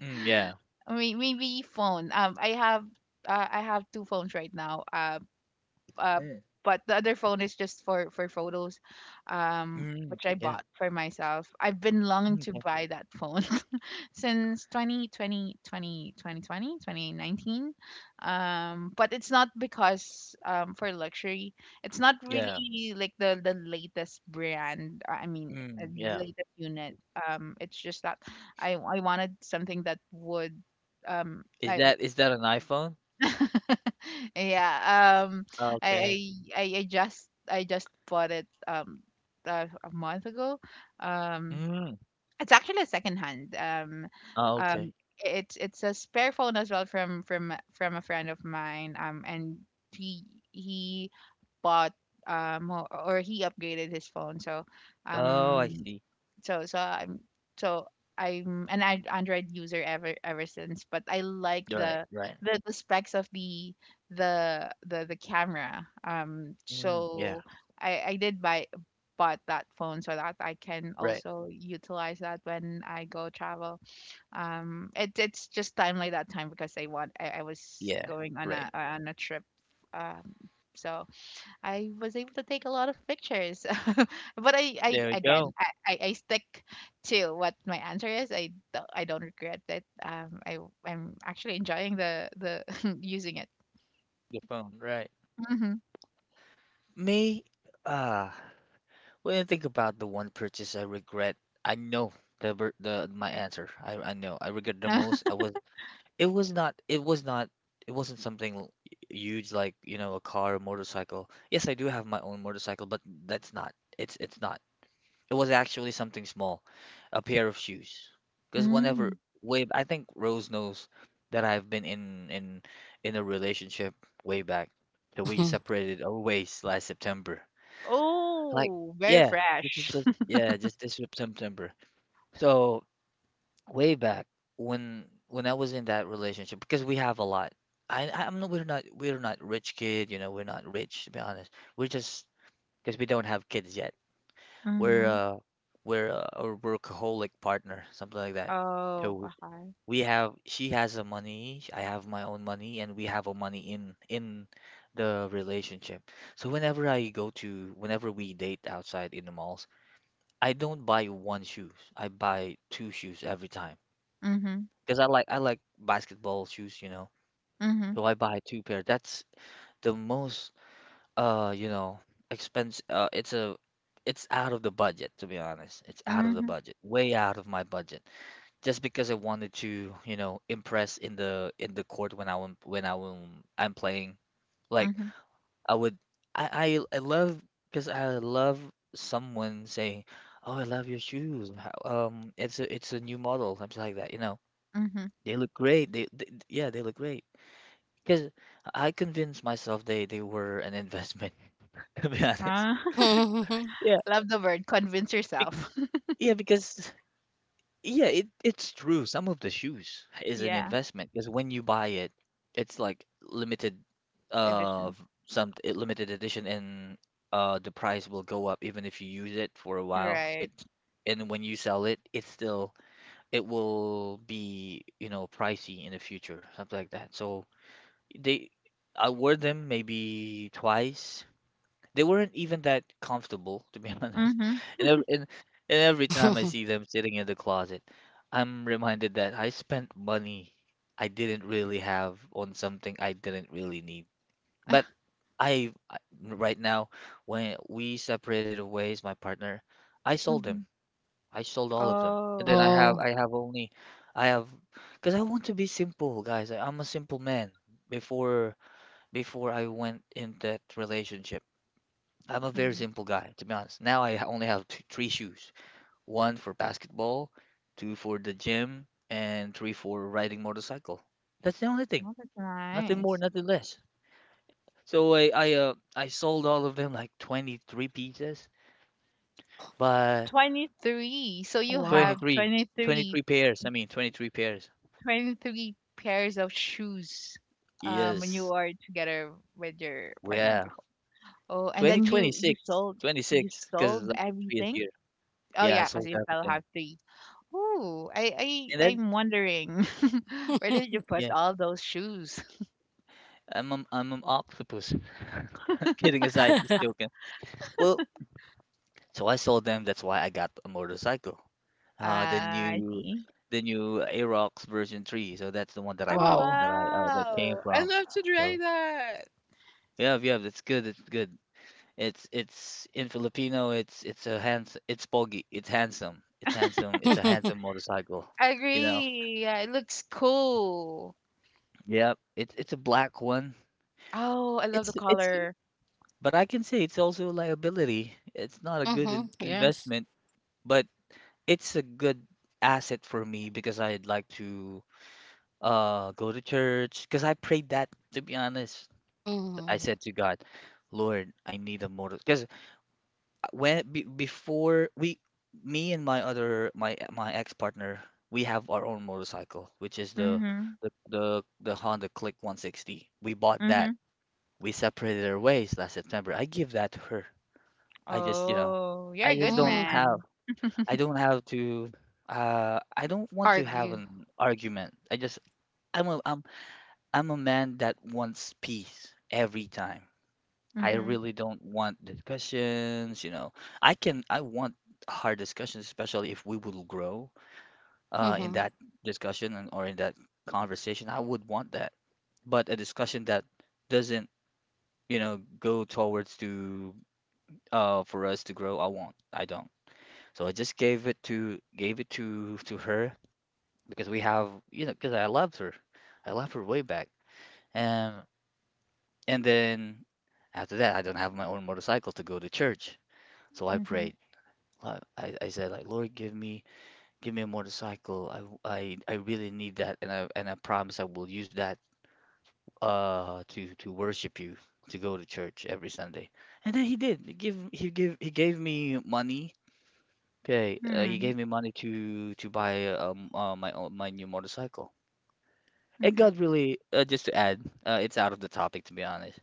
Mm, yeah.
may- maybe phone. Um, I have uh, I have two phones right now. Uh, uh,
Mm,
but the other phone is just for for photos. Um.
mm,
Which I
yeah.
bought for myself. I've been longing
Mm,
to
yeah.
buy that phone <laughs> since twenty twenty twenty twenty twenty twenty nineteen, um but it's not because um for luxury. It's not
Yeah.
really like the the latest brand, uh, I mean, uh,
Mm, yeah.
latest unit. Um it's just that i I wanted something that would um
Is
I
that is that an iPhone?
<laughs> yeah. um
Okay.
i i i I just I just bought it, um uh, a month ago. um
Mm,
it's actually a secondhand. Um,
oh, okay.
um, it's it's a spare phone as well from from from a friend of mine. Um, and he he bought um or or he upgraded his phone. So
Oh, I
um
see.
so so I'm so I'm an An- Android user ever ever since, but I like
You're right,
the
right.
the, the specs of the the the the camera. Um,
Mm, yeah,
so I I did buy bought that phone so that I can
right.
also utilize that when I go travel. Um, it, it's just time like that time because I want I, I was
Yeah,
going on
right.
a on a trip. Um, so I was able to take a lot of pictures. <laughs> But I, I
There we
again,
go.
I, I, I stick to what my answer is. I, do I don't regret it. Um, I, I'm actually enjoying the, the <laughs> using it.
Your phone, right.
Hmm.
Me, uh, when I think about the one purchase I regret, I know the ver- the my answer. I I know. I regret the most. I
<laughs>
was it was not it was not it wasn't something l- huge, like, you know, a car or motorcycle. Yes, I do have my own motorcycle, but that's not it's it's not It was actually something small, a pair of shoes. Because whenever
Mm.
way, I think Rose knows that I've been in in in a relationship way back. That we
Mhm.
separated our ways last September. Like
Oh, very
yeah, this is
fresh.
just yeah, just this Sep- September. So way back when when I was in that relationship, because we have a lot. I I- I'm not we're not We're not rich kid, you know, we're not rich to be honest. We're just because we don't have kids yet,
<laughs>
we're
Hmm.
uh we're uh, a workaholic partner, something like that. So
Oh,
we
okay.
we have she has a money, sh- I have my own money, and we have a money in in the relationship. So whenever I go to whenever we date outside in the malls, I don't buy one shoes. I buy two shoes every time
Mm-hmm.
because I like I like basketball shoes, you know.
Mm-hmm.
So I buy two pair. That's the most, Uh, you know, expense, uh it's a it's out of the budget, to be honest. It's out of the
Mm-hmm.
budget. Way out of my budget. Just because I wanted to, you know, impress in the in the court when I when when I when I'm playing. Like
Mm-hmm.
I would I I, I love because I love someone saying, "Oh, I love your shoes. How, um it's a it's a new model." Something like that, you know.
Mm-hmm.
They look great. They, they yeah, they look great. Because I convinced myself they they were an investment <laughs> to be honest.
Ah,
Mhm.
<laughs> love the word. Convince
Bec-
yourself.
Yeah, because, yeah, it it's true. Some of the shoes is an
<laughs> Yeah.
investment because when you buy it, it's like limited, uh,
Edition.
v- some it limited edition, and uh, the price will go up even if you use it for a while. It
Right.
and when you sell it, it's still it will be, you know pricey in the future, something like that. So they, I wore them maybe twice. They weren't even that comfortable, to be <laughs> honest.
Mm-hmm.
And ev- and and every time I see
<laughs>
them sitting in the closet, I'm reminded that I spent money I didn't really have on something I didn't really need. But I I- right now, when we separated ways, my partner, I sold them.
Mm-hmm.
I sold all of them. And
Oh.
then I have
oh,
I have only, I have because I want to be simple, guys. I, I'm a simple man before before I went in that relationship. I'm a very simple guy, to be honest. Now I ha- only have t three shoes. One for basketball, two for the gym, and three for riding motorcycle. That's the only thing.
Oh, that's
Nothing more,
nice.
nothing less. So I I uh I sold all of them like twenty-three pieces, but
twenty three. So you
wow.
have
23,
twenty three,
23 pairs. I mean twenty-three pairs.
twenty three pairs of shoes, um, when you
Yes.
are together with your partner
Yeah.
before. Oh, and then you you
twenty twenty-six
sold, you
twenty-six, twenty-six, because
sold
the previous
everything?
year.
Oh
Yeah, I
yeah, because
sold
you still
everything.
have three. Ooh, I,
And
I
then
I'm wondering <laughs> where did you
<laughs>
put
yeah,
all those shoes? <laughs>
I'm a, I'm an octopus. <laughs> Kidding aside, just joking. Well, so I sold them. That's why I got a motorcycle. Uh, the
Ah, I
new,
see.
the new Aerox version three. So that's the one that I
Oh
wow.
that I uh, that came
wow. I
from.
love to try
So
that.
yeah, yeah, that's good. It's good. It's it's in Filipino. It's it's a hands. It's pogi. It's handsome. It's handsome. It's a handsome
<laughs>
motorcycle.
I
You know.
agree. Yeah, it looks cool.
Yep. It's it's a black one.
Oh, I love the
It's it's.
color.
But I can say it's also a liability. It's not a good
hmm.
in
Yes.
investment. But it's a good asset for me because I'd like to uh go to church because I prayed that to be honest.
Hmm.
I said to God, Lord, I need a motor because when be, before we, me and my other my my ex-partner, we have our own motorcycle, which is the
Hmm.
the the, the Honda Click one sixty. We bought
Hmm.
that. We separated our ways last September. I give that to her. I just, you know,
Oh, you're
I
a
just
good
don't
Hmm.
have.
man.
I don't have to uh I don't want to have
Argue.
an argument. I just I'm a I'm I'm a man that wants peace every time. I
Hmm.
really don't want discussions, you know. I can I want hard discussions, especially if we will grow uh in
Mm-hmm.
that discussion and or in that conversation. I would want that. But a discussion that doesn't, you know, go towards to uh for us to grow, I won't. I don't. So I just gave it to gave it to to her because we have you know because I loved her, I loved her way back. Um, and then after that, I don't have my own motorcycle to go to church, so I
Hmm.
prayed. Lo- I, I said, like, Lord, give me give me a motorcycle. I, I I really need that, and I and I promise I will use that uh to to worship you, to go to church every Sunday. And then he did. He give he give he gave me money. Okay, uh, he
Hmm.
gave me money to to buy um uh, my own my new motorcycle. And
Hmm.
God really, uh, just to add, uh, it's out of the topic to be honest.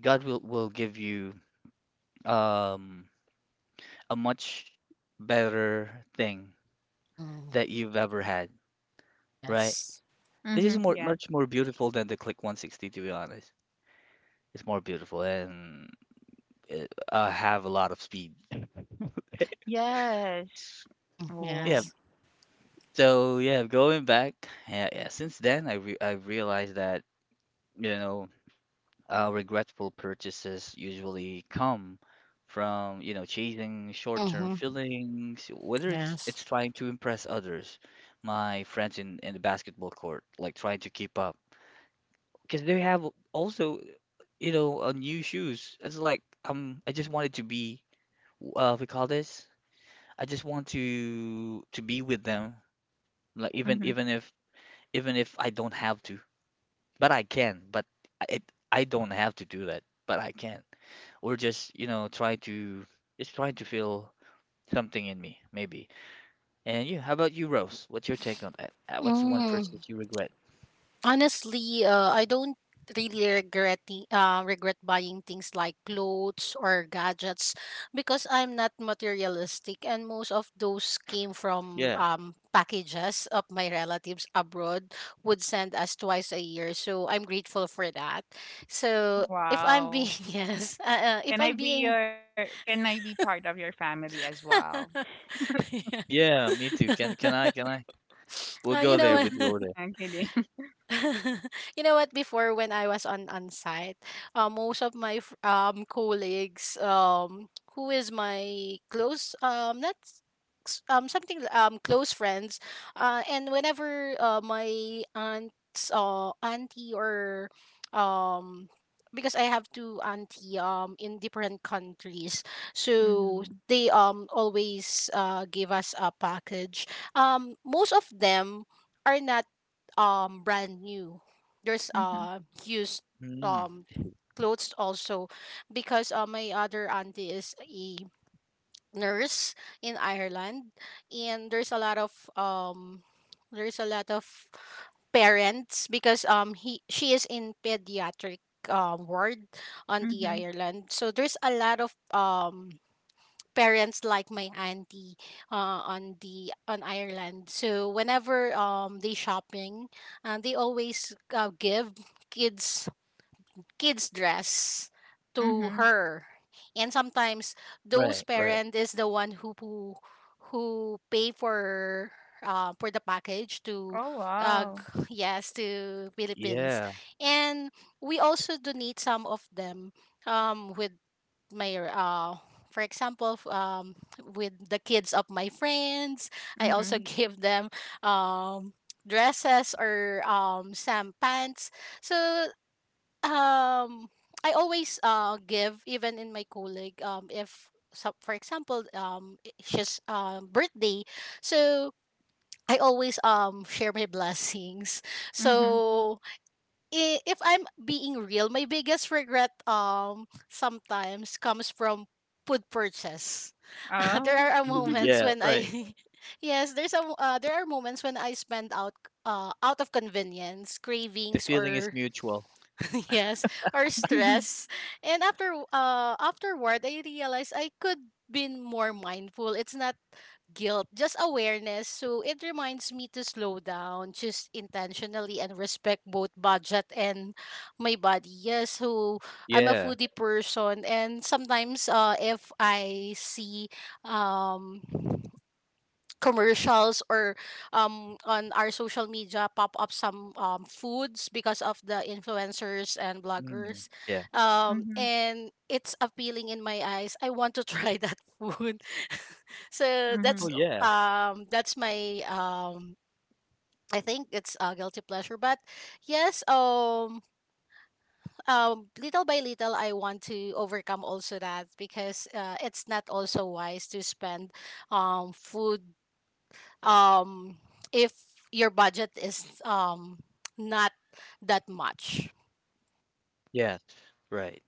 God will will give you um a much better thing
Mm-hmm.
that you've ever had, right?
Yes.
This
Hmm.
is more
Yeah.
much more beautiful than the Click one sixty, to be honest. It's more beautiful and it, uh, have a lot of speed.
Yes.
Mhm.
Yeah.
Oh.
Yes.
So yeah, going back, yeah, yeah. Since then, I re I realized that you know Uh, regretful purchases usually come from, you know, chasing short-term
Mm-hmm.
feelings, whether it's
Yes.
it's trying to impress others, my friends in in the basketball court, like trying to keep up, because they have also, you know, uh, new shoes. It's like um, I just wanted to be, uh, we call this. I just want to to be with them, like even
Hmm.
even if even if I don't have to. But I can. But I- it, I don't have to do that, but I can. Or just, you know, try to just try to feel something in me, maybe. And yeah, how about you, Rose? What's your take on that? Uh, What's one
Mm.
purchase you regret?
Honestly, uh, I don't really regret the- uh, regret buying things like clothes or gadgets because I'm not materialistic, and most of those came from um, packages of my relatives abroad would send us twice a year. So I'm grateful for that. So if I'm
Wow.
being <laughs> yes, uh, uh, if
Can I
I'm
be
being
your can I be part of your family as well?
<laughs> yeah.
Yeah, me too. Can can I? Can I?
<laughs>
We'll
uh, you
go there.
know.
We'll
<laughs>
go there.
I'm kidding.
<laughs> you know what? Before when I was on on site, uh, most of my fr- um colleagues um who is my close um not s- um something li- um close friends, uh and whenever uh my aunts uh auntie, or um because I have two auntie um in different countries,
<laughs>
so
Hmm.
they um always uh give us a package. Um, most of them are not um brand new. There's
Hmm.
uh used
Mm,
um clothes also because uh, my other auntie is a nurse in Ireland, and there's a lot of um there's a lot of parents because um he she is in pediatric um ward on the
Hmm.
Ireland. So there's a lot of um parents like my auntie uh, on the on Ireland. So whenever um they shopping, uh, they always uh, give kids kids dress to
Hmm.
her. And sometimes
right,
those
right.
parent is the one who who, who pay for uh, for the package to
Oh
uh,
wow.
g- yes to Philippines.
Yeah.
And we also donate some of them um with my uh for example f- um with the kids of my friends. I also <laughs>
Hmm.
give them um dresses or um some pants, so um I always uh give even in my colleague. Um if, so, for example, um i- she's um birthday, so I always um share my <laughs> blessings.
Hmm.
So I- if I'm being real, my biggest regret um sometimes comes from food purchase. <laughs> there
Oh.
are uh,
Mm,
moments
yeah,
when
right.
I, <laughs> yes, there's a mo- uh, there are moments when I spend out uh out of convenience,
The
cravings,
feeling is
or
mutual.
<laughs> yes, or
<laughs>
stress. And after uh afterward I realized I could been more mindful. It's not guilt, just awareness. So it reminds me to slow down, just intentionally, and respect both budget and my body. Yes, so I'm a
Yeah.
foodie person, and sometimes uh, if I see um commercials or um, on our social media pop up some um, foods because of the influencers and
Mm,
bloggers,
yeah.
um,
Mm-hmm.
and it's appealing in my eyes, I want to <laughs> try that food. <laughs> so that's
Oh
Hmm.
yeah.
um, that's my um, I think it's a guilty pleasure, but yes, um, um, little by little I want to overcome also that, because uh, it's not also wise to spend um, food um, if your budget is um, not that much.
Yes. Right.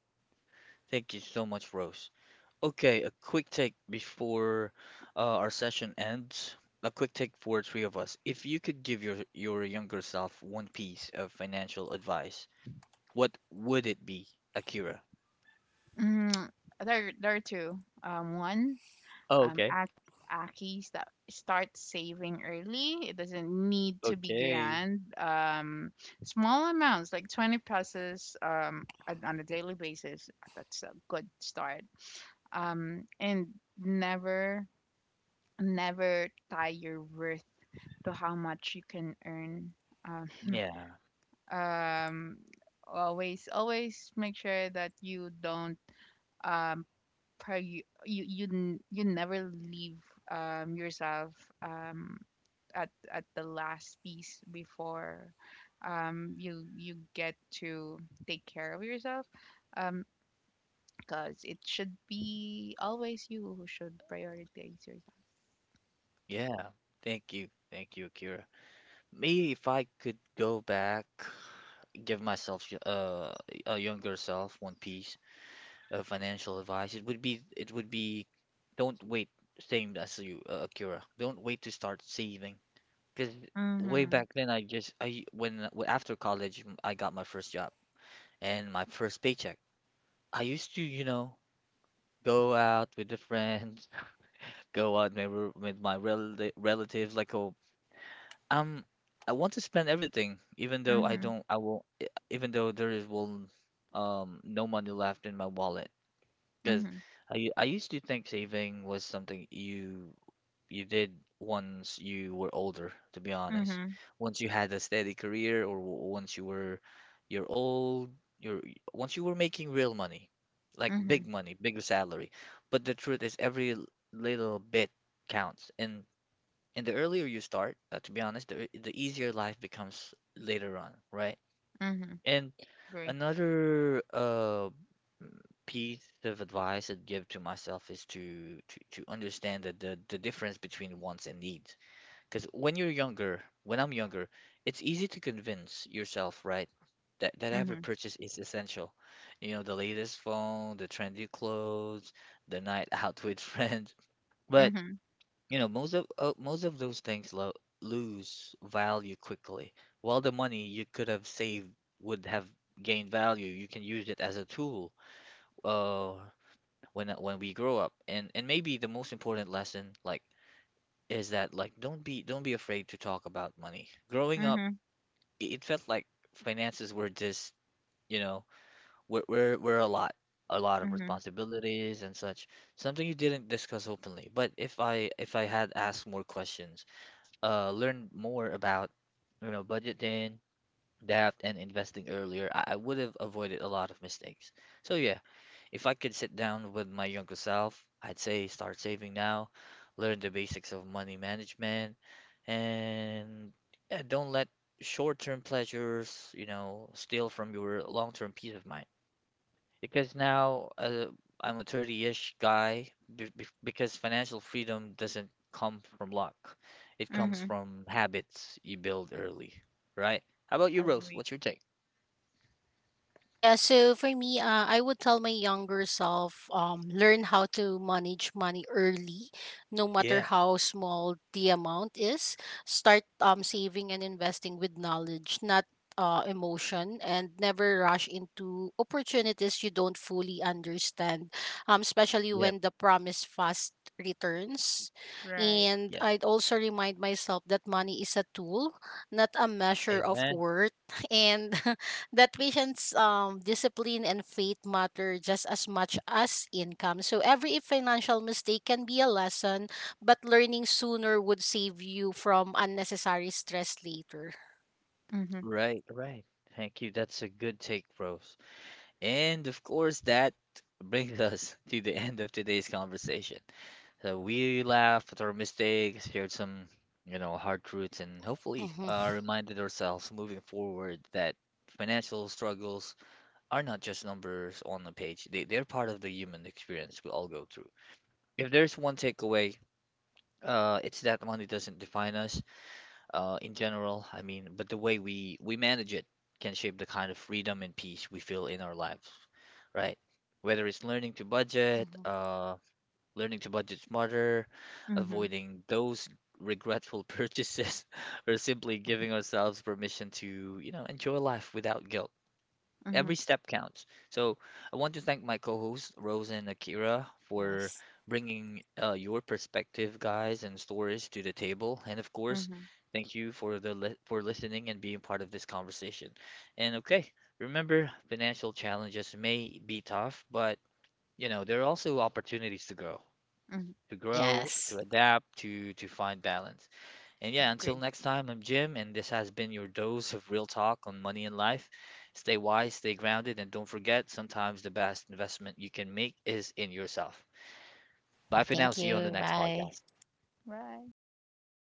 Thank you so much, Rose. Okay, a quick take before uh, our session ends. A quick take for three of us. If you could give your your younger self one piece of financial advice, what would it be, Akira?
Mm-hmm. There there are two. Um one,
Oh,
um,
okay.
Ak- Aki, sta- start saving early. It doesn't need to be
Okay.
grand. Um, small amounts, like twenty pesos um, on on a daily basis, that's a good start. Um, and never, never tie your worth to how much you can earn. Um,
Yeah,
um, always, always make sure that you don't um, prior you you n- you never leave um yourself um at at the last piece before um you you get to take care of yourself, um because it should be always you who should prioritize yourself.
yeah. Thank you. Thank you, Akira. Me, if I could go back, give myself y- uh, a younger self one piece, uh, financial advice, it would be it would be don't wait, same as you, uh, Akira. Don't wait to start saving. Because way
Mhm.
back then, I just I when w- after college, m- I got my first job and my first paycheck. I used to, you know, go out with the friends, <laughs> go out maybe with my relati relatives. Like, oh, um, I want to spend everything, even though I
Mhm.
don't, I will, even though there is will, um, no money left in my wallet. Because
Mhm.
I u- I used to think saving was something you you did once you were older, to be honest.
Mhm.
Once you had a steady career, or w- once you were you're old, you're once you were making real money, like
Mhm.
big money, bigger salary. But the truth is, every l- little bit counts. And and the earlier you start, uh, to be honest, the the easier life becomes later on, right?
Mhm.
And
Agree.
another uh piece of advice I'd give to myself is to to, to understand that the, the difference between wants and needs. Because when you're younger, when I'm younger, it's easy to convince yourself, right, that, that every
Mhm.
purchase is essential. You know, the latest phone, the trendy clothes, the night <laughs> out with friends. But,
Mhm.
you know, most of uh, most of those things lo lose value quickly. While the money you could have saved would have gained value, you can use it as a tool. Uh, when when we grow up and and maybe the most important lesson like is that like don't be don't be afraid to talk about money growing up.
Mhm.
it it felt like finances were just, you know, we're, we're, we're a lot a lot of
Mhm.
responsibilities and such, something you didn't discuss openly. But if i if I had asked more questions, uh learned more about, you know, budgeting, debt and investing earlier, i, I would have avoided a lot of mistakes. So yeah, if I could sit down with my younger self, I'd say start saving now, learn the basics of money management, and yeah, don't let short-term pleasures, you know, steal from your long-term peace of mind. Because now uh, I'm a thirty-ish guy, be be- because financial freedom doesn't come from luck. It comes
Mhm.
from habits you build early, right? How about you, Rose?
Agree.
What's your take?
Yeah, so for me, uh, I would tell my younger self, um, learn how to manage money early, no matter
Yeah,
how small the amount is. Start um, saving and investing with knowledge, not uh, emotion, and never rush into opportunities you don't fully understand, um, especially
yep,
when the promise fast returns.
Right.
And
yep.
I'd also remind myself that money is a tool, not a measure of
Amen.
worth. <laughs> And <laughs> that patients um discipline and faith matter just as much as income. So every financial mistake can be a lesson, but learning sooner would save you from unnecessary stress later.
Mhm.
Right, right. Thank you. That's a good take, Rose. And of course, that brings us <laughs> to the end of today's conversation. So we laughed at our mistakes, shared some, you know, hard truths, and hopefully uh,
Mm-hmm.
reminded ourselves moving forward that financial struggles are not just numbers on a page. They, they're part of the human experience we all go through. If there's one takeaway, uh, it's that money doesn't define us, uh, in general. I mean, but the way we we manage it can shape the kind of freedom and peace we feel in our lives, right? Whether it's learning to budget,
Mm-hmm.
uh, learning to budget smarter,
Mhm.
avoiding those regretful <laughs> purchases, or simply giving ourselves permission to, you know, enjoy life without guilt,
Mhm.
every step counts. So I want to thank my co-hosts Rose and Akira
<laughs>
for
yes,
bringing uh, your perspective, guys, and stories to the table. And of course,
Mhm.
thank you for the li- for listening and being part of this conversation. And okay, remember, financial challenges may be tough, but you know there are also opportunities to grow,
Mhm.
to grow,
yes,
to adapt, to to find balance. And yeah,
Agree.
until next time, I'm Jim, and this has been your dose of real talk on money and life. Stay wise, stay grounded, and don't forget sometimes the best investment you can make is in yourself. Bye for now.
thank
See you on the
you,
next
bye.
podcast.
Right.